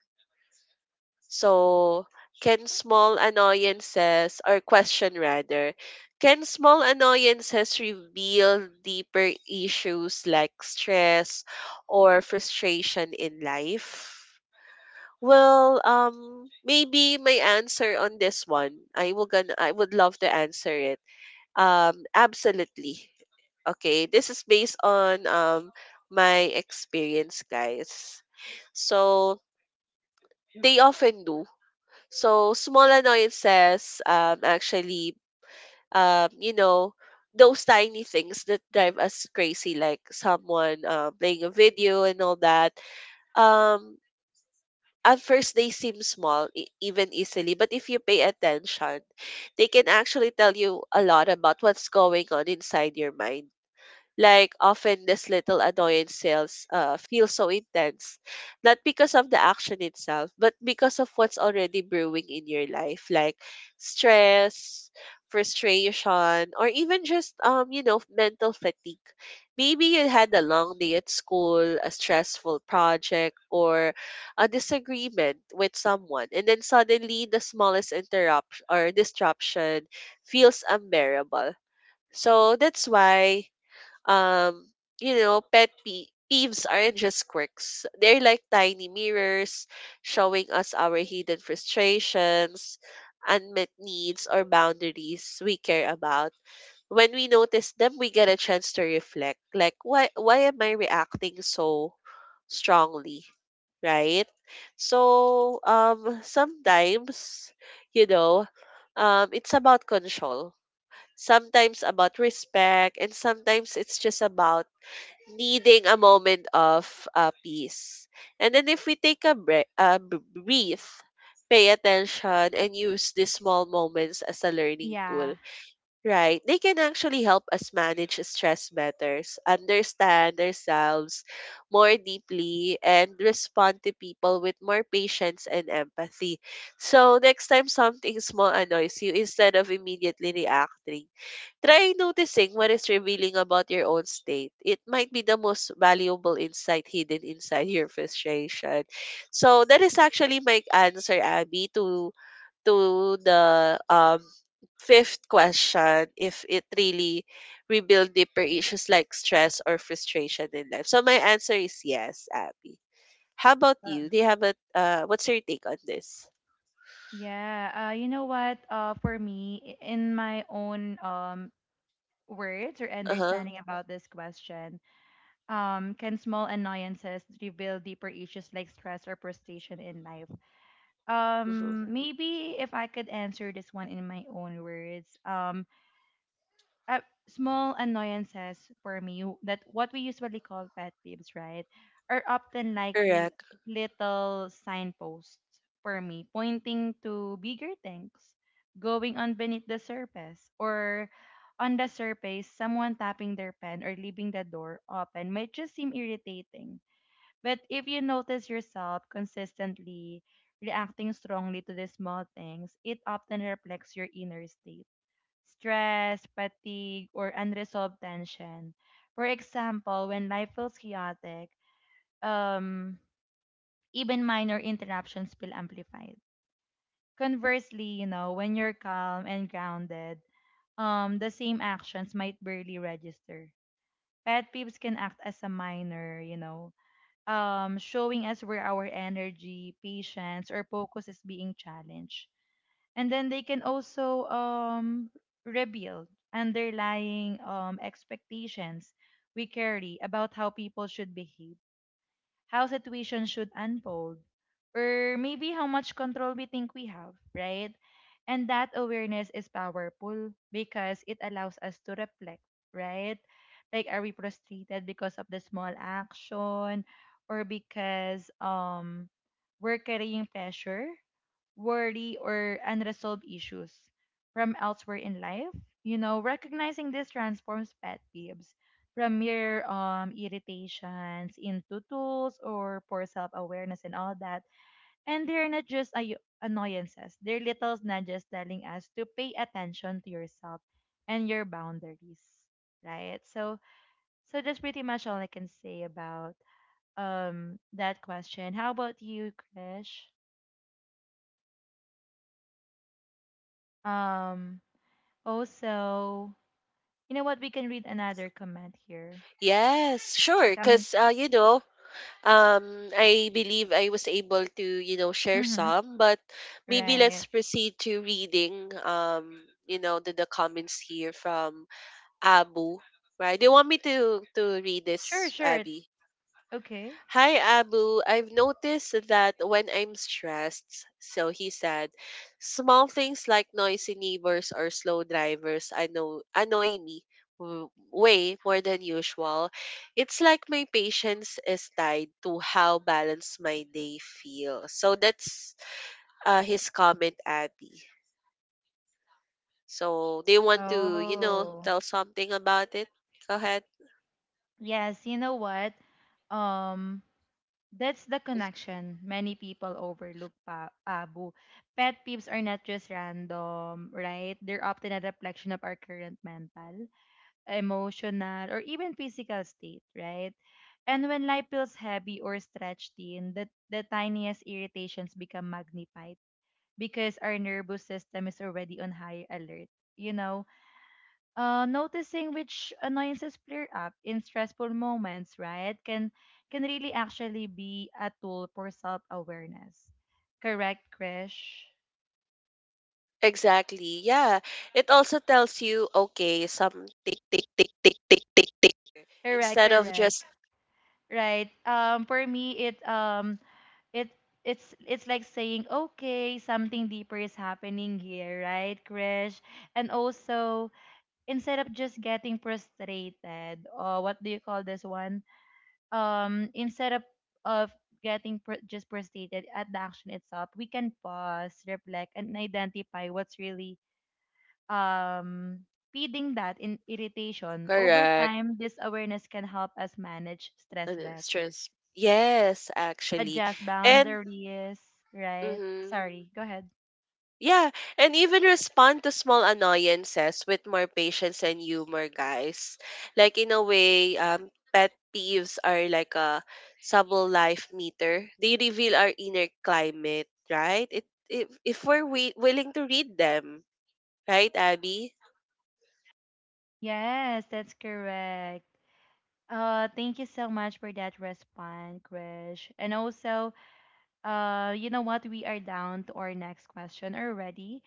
[SPEAKER 2] So, can small annoyances, or question rather, can small annoyances reveal deeper issues like stress or frustration in life? Well, maybe my answer on this one, I would love to answer it. Absolutely. Okay, this is based on my experience, guys. So they often do. So small annoyances, actually, um, you know, those tiny things that drive us crazy, like someone playing a video and all that. Um, at first, they seem small, even easily, but if you pay attention, they can actually tell you a lot about what's going on inside your mind. Like, often this little annoyance sales feel so intense, not because of the action itself, but because of what's already brewing in your life, like stress, frustration, or even just mental fatigue. Maybe you had a long day at school, a stressful project, or a disagreement with someone, and then suddenly the smallest interruption or disruption feels unbearable. So that's why um peeves aren't just quirks. They're like tiny mirrors showing us our hidden frustrations, unmet needs, or boundaries we care about. When we notice them, we get a chance to reflect, like why am I reacting so strongly? Right, so sometimes, you know it's about control, sometimes about respect, and sometimes it's just about needing a moment of peace. And then if we take a breath, breathe, pay attention, and use these small moments as a learning tool,
[SPEAKER 1] Yeah.
[SPEAKER 2] right? They can actually help us manage stress better, understand ourselves more deeply, and respond to people with more patience and empathy. So next time something small annoys you, instead of immediately reacting, try noticing what is revealing about your own state. It might be the most valuable insight hidden inside your frustration. So that is actually my answer, Abby, to the fifth question, if it really revealed deeper issues like stress or frustration in life. So my answer is yes, Abby. How about
[SPEAKER 1] Uh,
[SPEAKER 2] you? Do you have a what's your take on this?
[SPEAKER 1] yeah, you know what? For me, in my own words or
[SPEAKER 2] Uh-huh.
[SPEAKER 1] understanding about this question, can small annoyances reveal deeper issues like stress or frustration in life?
[SPEAKER 2] Hmm.
[SPEAKER 1] Maybe if I could answer this one in my own words, uh, small annoyances for me, that what we usually call pet peeves, right, are often like
[SPEAKER 2] Correct.
[SPEAKER 1] little signposts for me, pointing to bigger things going on beneath the surface or on the surface. Someone tapping their pen or leaving the door open might just seem irritating, but if you notice yourself consistently reacting strongly to the small things, it often reflects your inner state: stress, fatigue, or unresolved tension. For example, when life feels chaotic, um, even minor interruptions feel amplified. Conversely, you know, when you're calm and grounded, the same actions might barely register. Pet peeves can act as a minor, showing us where our energy, patience, or focus is being challenged. And then they can also rebuild underlying expectations we carry about how people should behave, how situations should unfold, or maybe how much control we think we have, right? And that awareness is powerful because it allows us to reflect, right? Like, are we frustrated because of the small action or because we're carrying pressure, worry, or unresolved issues from elsewhere in life. You know, recognizing this transforms pet peeves from mere irritations into tools or for self awareness and all that. And they're not just annoyances, they're little nudges telling us to pay attention to yourself and your boundaries, right? So, so that's pretty much all I can say about that question. How about you, Krish? Um, Also, you know what? We can read another comment here.
[SPEAKER 2] Yes, sure.
[SPEAKER 1] Coming.
[SPEAKER 2] Because, you know, I believe I was able to, you know, share
[SPEAKER 1] Mm-hmm.
[SPEAKER 2] some, but maybe
[SPEAKER 1] Right.
[SPEAKER 2] let's proceed to reading, you know, the comments here from Abu, right? Do you want me to read
[SPEAKER 1] Sure,
[SPEAKER 2] this,
[SPEAKER 1] sure.
[SPEAKER 2] Abby?
[SPEAKER 1] Okay.
[SPEAKER 2] Hi, Abu. I've noticed that when I'm stressed, so he said, small things like noisy neighbors or slow drivers annoy me way more than usual. It's like my patience is tied to how balanced my day feels. So that's his comment, Abby. So they want to, you know,
[SPEAKER 1] Oh.
[SPEAKER 2] tell something about it? Go ahead.
[SPEAKER 1] Yes, you know what? Um, that's the connection many people overlook, pa Abu. Pet peeves are not just random, right? They're often a reflection of our current mental, emotional, or even physical state, right? And when life feels heavy or stretched thin, the tiniest irritations become magnified because our nervous system is already on high alert. You know, noticing which annoyances flare up in stressful moments, right, can really actually be a tool for self-awareness. Correct, Krish.
[SPEAKER 2] Exactly. Yeah. It also tells you, okay, some tick, tick, tick, tick, tick, tick, tick,
[SPEAKER 1] Correct,
[SPEAKER 2] instead of
[SPEAKER 1] correct.
[SPEAKER 2] just
[SPEAKER 1] Right. For me, it it's like saying, okay, something deeper is happening here, right, Krish? And also, instead of just getting frustrated, or what do you call this one, instead of of getting just frustrated at the action itself, we can pause, reflect, and identify what's really um feeding that in irritation. Over
[SPEAKER 2] correct.
[SPEAKER 1] time, this awareness can help us manage stress
[SPEAKER 2] and it's
[SPEAKER 1] better,
[SPEAKER 2] just- Yes, actually.
[SPEAKER 1] adjust
[SPEAKER 2] And
[SPEAKER 1] boundaries, right?
[SPEAKER 2] mm-hmm,
[SPEAKER 1] Sorry, go ahead.
[SPEAKER 2] yeah, and even respond to small annoyances with more patience and humor, guys. Like in a way, pet peeves are like a subtle life meter. They reveal our inner climate, right? It If we're willing to read them, right, Abby?
[SPEAKER 1] Yes, that's correct. Thank you so much for that response, Krish. And also, you know what? We are down to our next question already,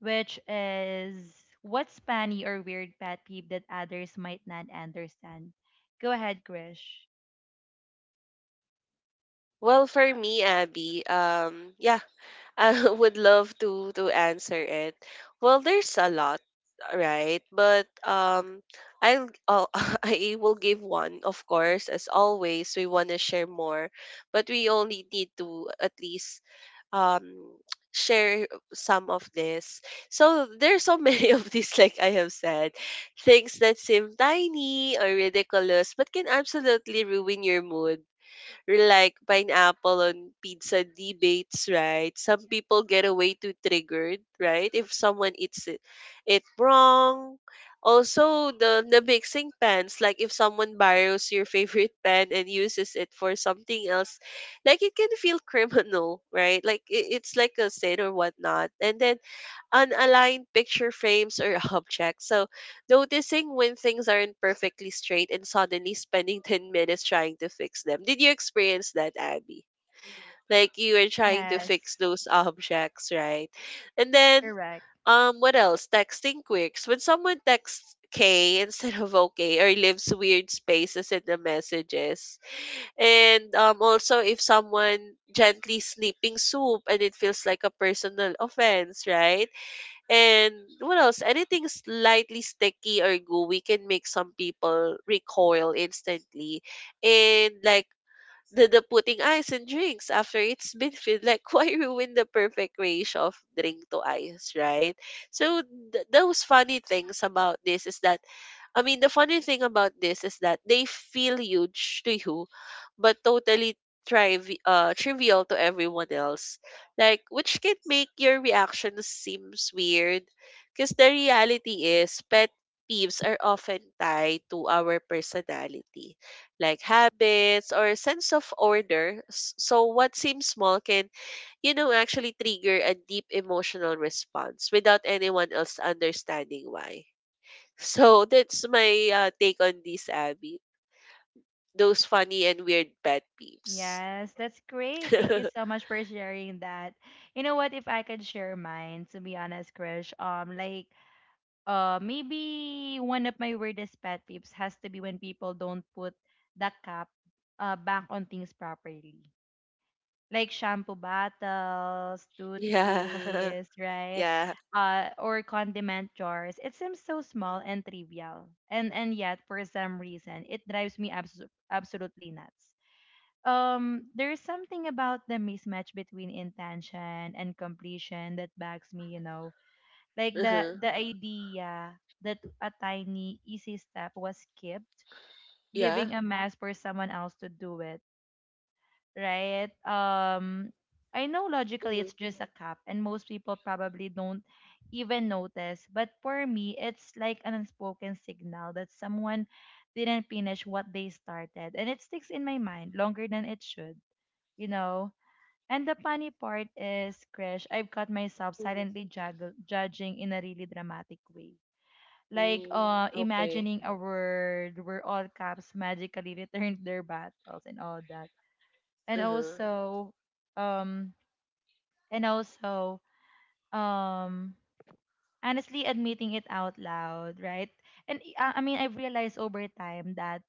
[SPEAKER 1] which is what's funny or weird pet peeve that others might not understand? Go ahead, Krish.
[SPEAKER 2] Well, for me, Abby, yeah, I would love to answer it. Well, there's a lot, right? But I'll I will give one, of course. As always, we want to share more, but we only need to at least um share some of this. So there's so many of these, like I have said, things that seem tiny or ridiculous, but can absolutely ruin your mood, or like pineapple on pizza debates, right? Some people get away too triggered, right? If someone eats it, it wrong. Also, the mixing pans, like if someone borrows your favorite pen and uses it for something else, like it can feel criminal, right? It's like a sin or whatnot. And then unaligned picture frames or objects. So, noticing when things aren't perfectly straight and suddenly spending 10 minutes trying to fix them. Did you experience that, Abby? Like you were trying to
[SPEAKER 1] Yes,
[SPEAKER 2] fix those objects, right? And then,
[SPEAKER 1] correct.
[SPEAKER 2] what else? Texting quirks. When someone texts K instead of okay, or leaves weird spaces in the messages. And also, if someone gently snipping soup and it feels like a personal offense, right? And what else? Anything slightly sticky or gooey can make some people recoil instantly. And like the putting ice in drinks after it's been filled, like why ruin the perfect ratio of drink to ice, right? So th- those funny things about this is that I mean, the funny thing about this is that they feel huge to you, but totally trivial to everyone else. Like, which can make your reaction seems weird, because the reality is pet peeves are often tied to our personality, like habits or sense of order. So, what seems small can, you know, actually trigger a deep emotional response without anyone else understanding why. So that's my take on this, Abby. Those funny and weird pet peeves.
[SPEAKER 1] Yes, that's great. Thank you so much for sharing that. You know what, if I could share mine, to be honest, Krish, like maybe one of my weirdest pet peeves has to be when people don't put the cap back on things properly. Like shampoo bottles,
[SPEAKER 2] Yeah.
[SPEAKER 1] toothpaste, right?
[SPEAKER 2] Yeah.
[SPEAKER 1] Uh, or condiment jars. It seems so small and trivial. And yet for some reason it drives me absolutely nuts. There's something about the mismatch between intention and completion that bugs me, you know, like
[SPEAKER 2] Uh-huh.
[SPEAKER 1] the idea that a tiny easy step was skipped,
[SPEAKER 2] Yeah.
[SPEAKER 1] leaving a mess for someone else to do it, right? I know logically
[SPEAKER 2] Mm-hmm.
[SPEAKER 1] it's just a cup and most people probably don't even notice, but for me it's like an unspoken signal that someone didn't finish what they started, and it sticks in my mind longer than it should, you know. And the funny part is, Krish, I've got myself
[SPEAKER 2] Mm-hmm.
[SPEAKER 1] silently judging in a really dramatic way. Like
[SPEAKER 2] Okay.
[SPEAKER 1] imagining a world where all caps magically returned their battles and all that. And
[SPEAKER 2] Uh-huh.
[SPEAKER 1] also, um, and also, um, honestly admitting it out loud, right? And I mean, I've realized over time that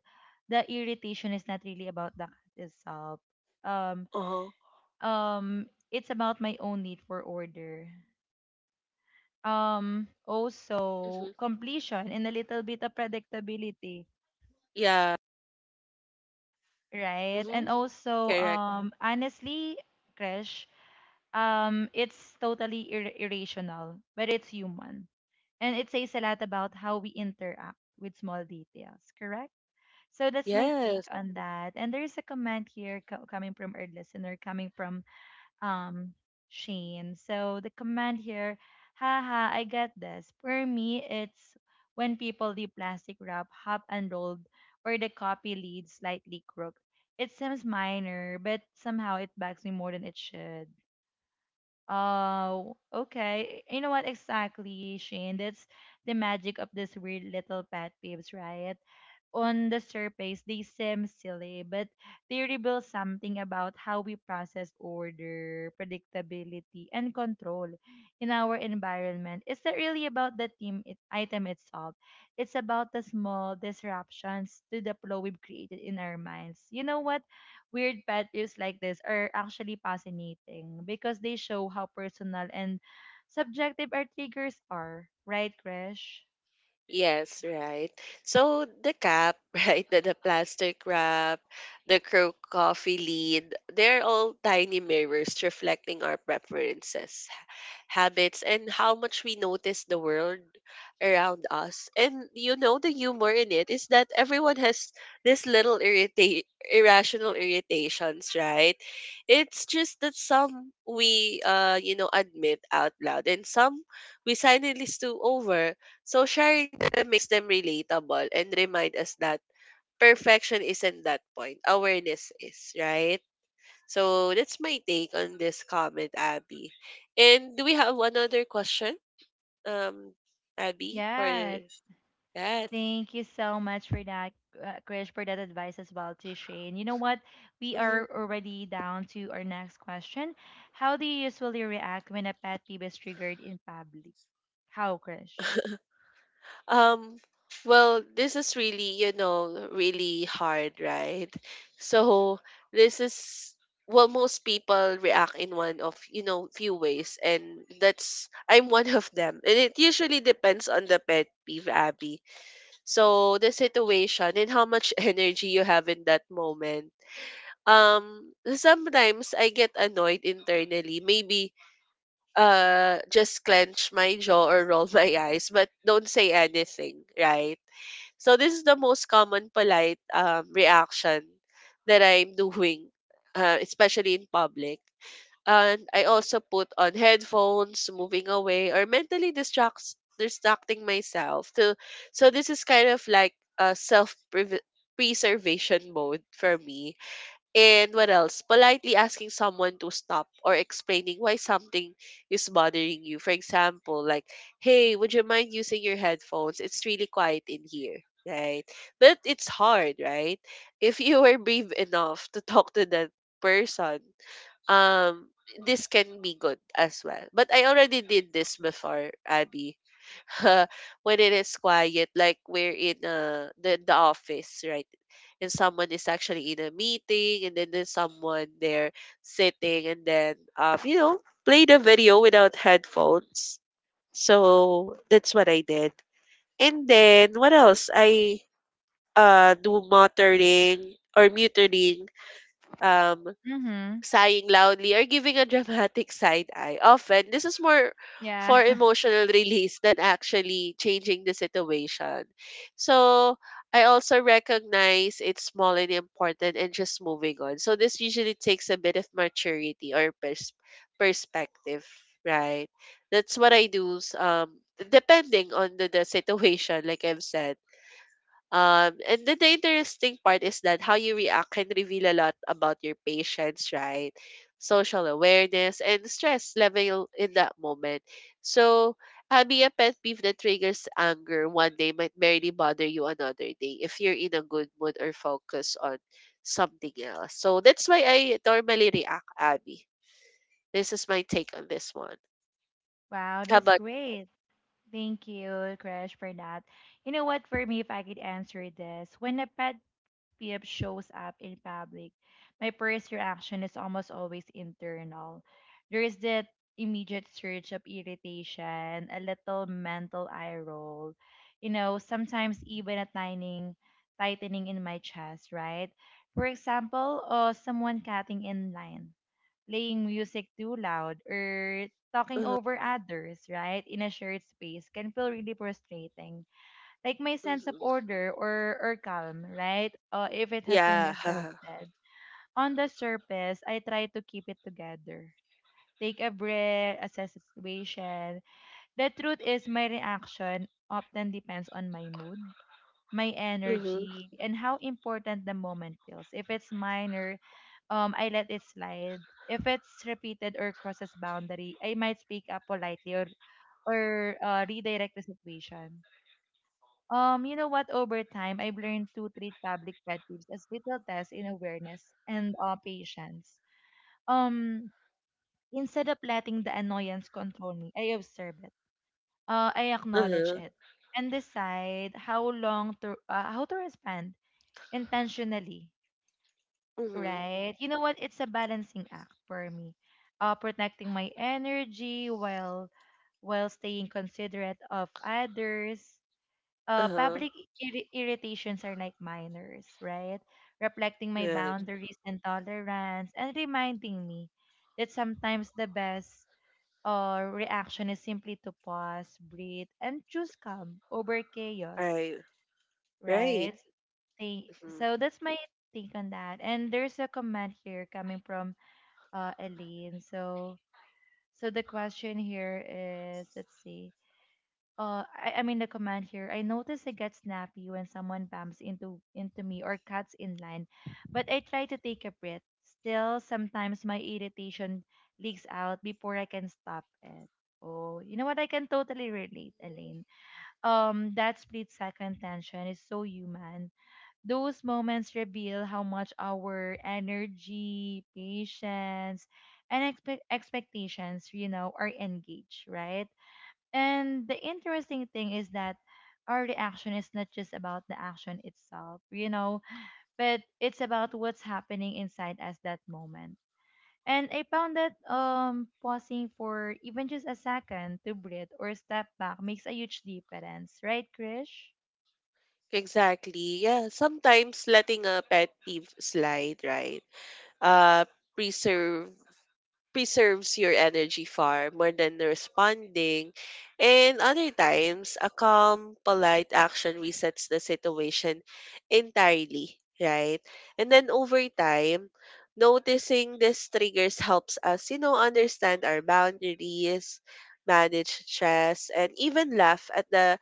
[SPEAKER 1] the irritation is not really about the cat itself. Um,
[SPEAKER 2] Uh-huh.
[SPEAKER 1] um, it's about my own need for order,
[SPEAKER 2] Mm-hmm.
[SPEAKER 1] also completion and a little bit of predictability,
[SPEAKER 2] Yeah.
[SPEAKER 1] right?
[SPEAKER 2] Mm-hmm.
[SPEAKER 1] And also,
[SPEAKER 2] Correct.
[SPEAKER 1] honestly, crash, it's totally irrational, but it's human, and it says a lot about how we interact with small details, correct? So that's my take
[SPEAKER 2] Yes.
[SPEAKER 1] on that. And there's a comment here coming from our listener, coming from um Shane. So the comment here: haha, I get this. For me, it's when people the plastic wrap half unrolled or the copy lid slightly crooked. It seems minor, but somehow it bugs me more than it should. Oh, okay. You know what, exactly, Shane? That's the magic of this weird little pet peeves, right? On the surface, they seem silly, but they reveal something about how we process order, predictability, and control in our environment. It's not really about the item itself. It's about the small disruptions to the flow we've created in our minds. You know what? Weird pet peeves like this are actually fascinating because they show how personal and subjective our triggers are. Right, Krish?
[SPEAKER 2] Yes, right. So the cap, right, the plastic wrap, the crow coffee lid, they're all tiny mirrors reflecting our preferences, habits, and how much we notice the world around us. And you know, the humor in it is that everyone has this little irrational irritations, right? It's just that some we you know admit out loud, and some we silently stew over. So sharing them makes them relatable and remind us that perfection isn't that point. Awareness is, right? So that's my take on this comment, Abby. And do we have another question, um, Abby, for
[SPEAKER 1] Yeah,
[SPEAKER 2] that?
[SPEAKER 1] thank you so much for that, Krish, for that advice as well to Shane. You know what? We
[SPEAKER 2] Mhm.
[SPEAKER 1] are already down to our next question. How do you usually react when a pet peeve is triggered in public? How, Krish?
[SPEAKER 2] Um, well, this is really, you know, really hard, right? So this is, well, most people react in one of, you know, few ways, and that's I'm one of them, and it usually depends on the pet peeve, Abby. So the situation and how much energy you have in that moment. Sometimes I get annoyed internally. Maybe just clench my jaw or roll my eyes, but don't say anything, right? So this is the most common polite reaction that I'm doing, especially in public. And I also put on headphones, moving away, or mentally distracts distracting myself. So this is kind of like a self preservation mode for me. And what else? Politely asking someone to stop or explaining why something is bothering you. For example, like, hey, would you mind using your headphones? It's really quiet in here, right? But it's hard, right? If you were brave enough to talk to that person, um, this can be good as well. But I already did this before, Abby. When it is quiet, like we're in the office, right? And someone is actually in a meeting, and then there's someone there sitting, and then, you know, play the video without headphones. So that's what I did. And then, what else? I do muttering or muttering. Um,
[SPEAKER 1] Mm-hmm.
[SPEAKER 2] sighing loudly, or giving a dramatic side eye. Often, this is more
[SPEAKER 1] Yeah.
[SPEAKER 2] for emotional release than actually changing the situation. So, I also recognize it's small and important and just moving on. So, this usually takes a bit of maturity or perspective, right? That's what I do. Um, depending on the situation, like I've said. And then the interesting part is that how you react can reveal a lot about your patients, right? Social awareness and stress level in that moment. So, having a pet peeve that triggers anger one day might barely bother you another day if you're in a good mood or focus on something else. So, that's why I normally react, Abby. This is my take on this one.
[SPEAKER 1] Wow,
[SPEAKER 2] How
[SPEAKER 1] that's
[SPEAKER 2] about?
[SPEAKER 1] great. Thank you, Krish, for that. You know what? For me, if I could answer this, when a pet fear shows up in public, my first reaction is almost always internal. There is that immediate surge of irritation, a little mental eye roll, sometimes even a tightening in my chest, right? For example, someone cutting in line, playing music too loud, or talking
[SPEAKER 2] uh
[SPEAKER 1] over others, right, in a shared space can feel really frustrating like my sense of
[SPEAKER 2] mhm.
[SPEAKER 1] order or calm, right? If it has been
[SPEAKER 2] Yeah.
[SPEAKER 1] disrupted. On the surface, I try to keep it together. Take a breath, assess the situation. The truth is my reaction often depends on my mood, my
[SPEAKER 2] Uh-huh.
[SPEAKER 1] energy, and how important the moment feels. If it's minor, I let it slide. If it's repeated or crosses boundary, I might speak up politely or redirect the situation. You know what? Over time, I've learned to treat public pet peeves as little tests in awareness and patience. Um, instead of letting the annoyance control me, I observe it. I acknowledge
[SPEAKER 2] Uh-huh.
[SPEAKER 1] it and decide how long to how to respond intentionally.
[SPEAKER 2] Uh-huh.
[SPEAKER 1] Right? You know what? It's a balancing act for me. Protecting my energy while staying considerate of others. Uh,
[SPEAKER 2] Uh-huh.
[SPEAKER 1] public irritations are like minors, right? Reflecting my
[SPEAKER 2] Right.
[SPEAKER 1] boundaries and tolerance and reminding me that sometimes the best reaction is simply to pause, breathe, and choose calm over chaos,
[SPEAKER 2] Right, right.
[SPEAKER 1] right?
[SPEAKER 2] Mhm.
[SPEAKER 1] So that's my think on that. And there's a comment here coming from Elaine. So, so the question here is, let's see I mean the comment here, I notice I get snappy when someone bumps into me or cuts in line, but I try to take a breath. Still sometimes my irritation leaks out before I can stop it. Oh, you know what? I can totally relate, Elaine. Um, that split second tension is so human. Those moments reveal how much our energy, patience, and expectations, you know, are engaged, right? And the interesting thing is that our reaction is not just about the action itself, you know, but it's about what's happening inside us that moment. And I found that pausing for even just a second to breathe or step back makes a huge difference, right, Krish?
[SPEAKER 2] Exactly. Yeah, sometimes letting a pet peeve slide, right? Uh preserve preserves your energy far more than responding. And other times, a calm, polite action resets the situation entirely, right? And then over time, noticing these triggers helps us, you know, understand our boundaries, manage stress, and even laugh at the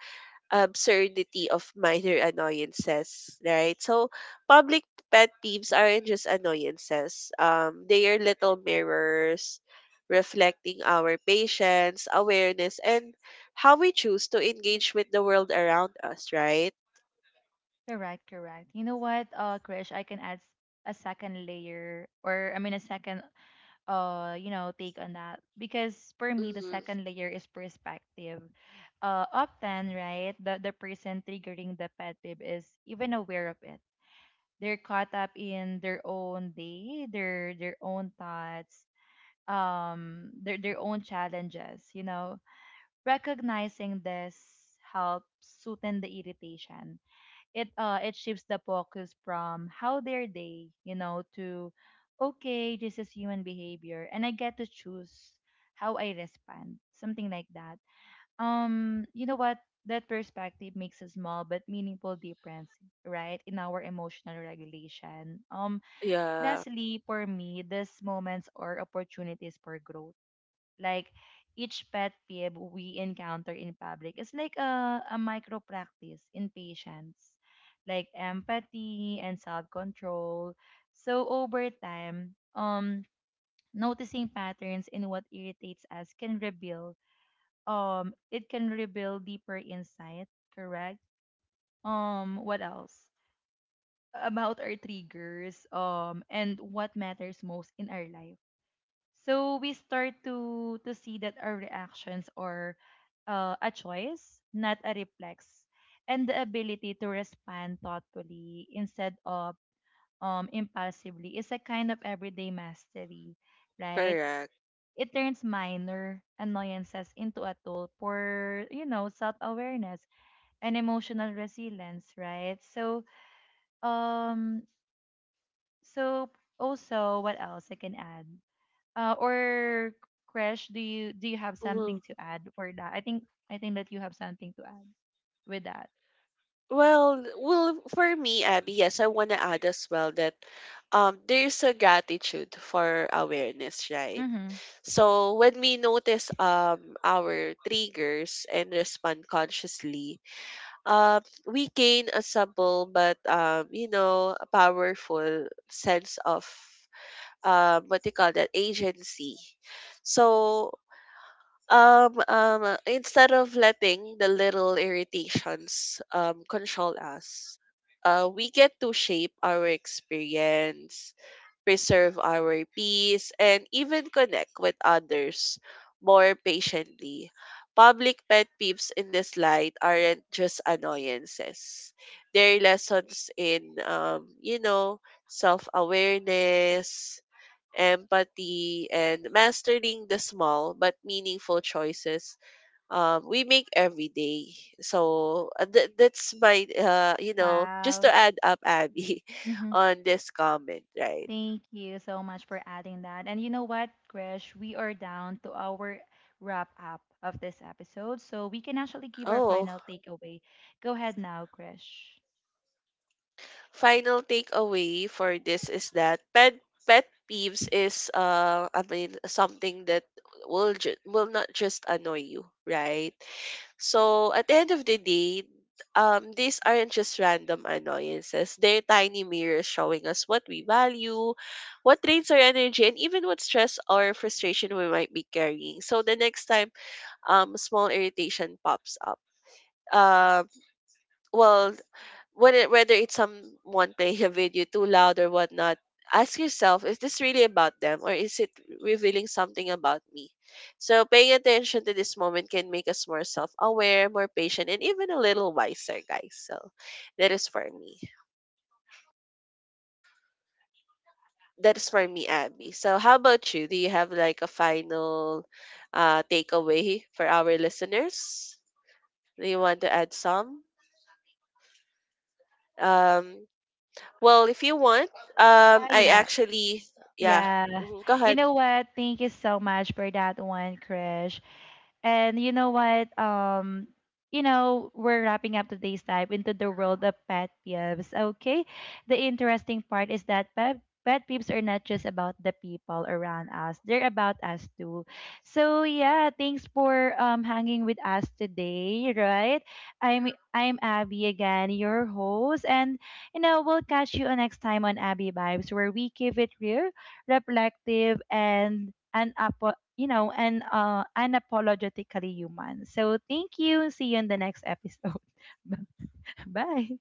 [SPEAKER 2] absurdity of minor annoyances, right? So, public pet peeves aren't just annoyances. They are little mirrors reflecting our patience, awareness, and how we choose to engage with the world around us, right?
[SPEAKER 1] Correct, correct. You know what, Krish, I can add a second layer, or I mean a second take on that, because for me the
[SPEAKER 2] Mm-hmm.
[SPEAKER 1] second layer is perspective. Uh, often, right, the person triggering the pet peeve is even aware of it. They're caught up in their own day, their own thoughts, um, their own challenges. You know, recognizing this helps sooten the irritation. It it shifts the focus from how dare they, you know, to okay, this is human behavior, and I get to choose how I respond, something like that. Um, you know what? That perspective makes a small but meaningful difference, right, in our emotional regulation. Um,
[SPEAKER 2] Yeah,
[SPEAKER 1] lastly for me, these moments are opportunities for growth. Like, each pet peeve we encounter in public is like a micro practice in patience, like empathy and self control. So over time, noticing patterns in what irritates us can reveal um, it can reveal deeper insight, correct? What else? About our triggers, and what matters most in our life. So we start to see that our reactions are a choice, not a reflex, and the ability to respond thoughtfully instead of um, impulsively is a kind of everyday mastery, right?
[SPEAKER 2] correct.
[SPEAKER 1] It turns minor annoyances into a tool for, you know, self-awareness and emotional resilience, right? So um, so also what else I can add? Or Crash, do you have something
[SPEAKER 2] Mhm.
[SPEAKER 1] to add for that? I think that you have something to add with that.
[SPEAKER 2] Well, well, for me, Abby, yes, I want to add as well that there's a gratitude for awareness, right?
[SPEAKER 1] Mm-hmm.
[SPEAKER 2] So when we notice our triggers and respond consciously, we gain a subtle but you know, a powerful sense of what you call that, agency. So instead of letting the little irritations control us, we get to shape our experience, preserve our peace, and even connect with others more patiently. Public pet peeves in this light aren't just annoyances. They're lessons in, you know, self awareness, empathy, and mastering the small but meaningful choices we make every day. So that's my, you know, just to
[SPEAKER 1] Wow.
[SPEAKER 2] add up, Abby,
[SPEAKER 1] Mm-hmm.
[SPEAKER 2] on this comment, right?
[SPEAKER 1] Thank you so much for adding that. And you know what, Krish? We are down to our wrap up of this episode, so we can actually give our
[SPEAKER 2] Oh,
[SPEAKER 1] final takeaway. Go ahead now, Krish.
[SPEAKER 2] final takeaway for this is that pet peeves is I mean something that will will not just annoy you, right? So at the end of the day, these aren't just random annoyances. They're tiny mirrors showing us what we value, what drains our energy, and even what stress or frustration we might be carrying. So the next time small irritation pops up, um well, whether it's someone playing a video too loud or whatnot, ask yourself, is this really about them or is it revealing something about me? So paying attention to this moment can make us more self-aware, more patient, and even a little wiser, guys. So that is for me. That is for me, Abby. So how about you? Do you have like a final takeaway for our listeners? Do you want to add some? Um Well, if you want,
[SPEAKER 1] Ah,
[SPEAKER 2] I
[SPEAKER 1] yeah.
[SPEAKER 2] actually, yeah,
[SPEAKER 1] Yeah.
[SPEAKER 2] mhm, go
[SPEAKER 1] You
[SPEAKER 2] ahead.
[SPEAKER 1] know what? Thank you so much for that one, Krish. And you know what? You know, we're wrapping up today's dive into the world of pet peeves. Okay. The interesting part is that pet peeves are not just about the people around us. They're about us too. So yeah, thanks for um, hanging with us today, right? I'm I'm Abby again, your host, and you know, we'll catch you next time on Abby Vibes, where we keep it real, reflective, and you know, and unapologetically human. So thank you. See you in the next episode. Bye.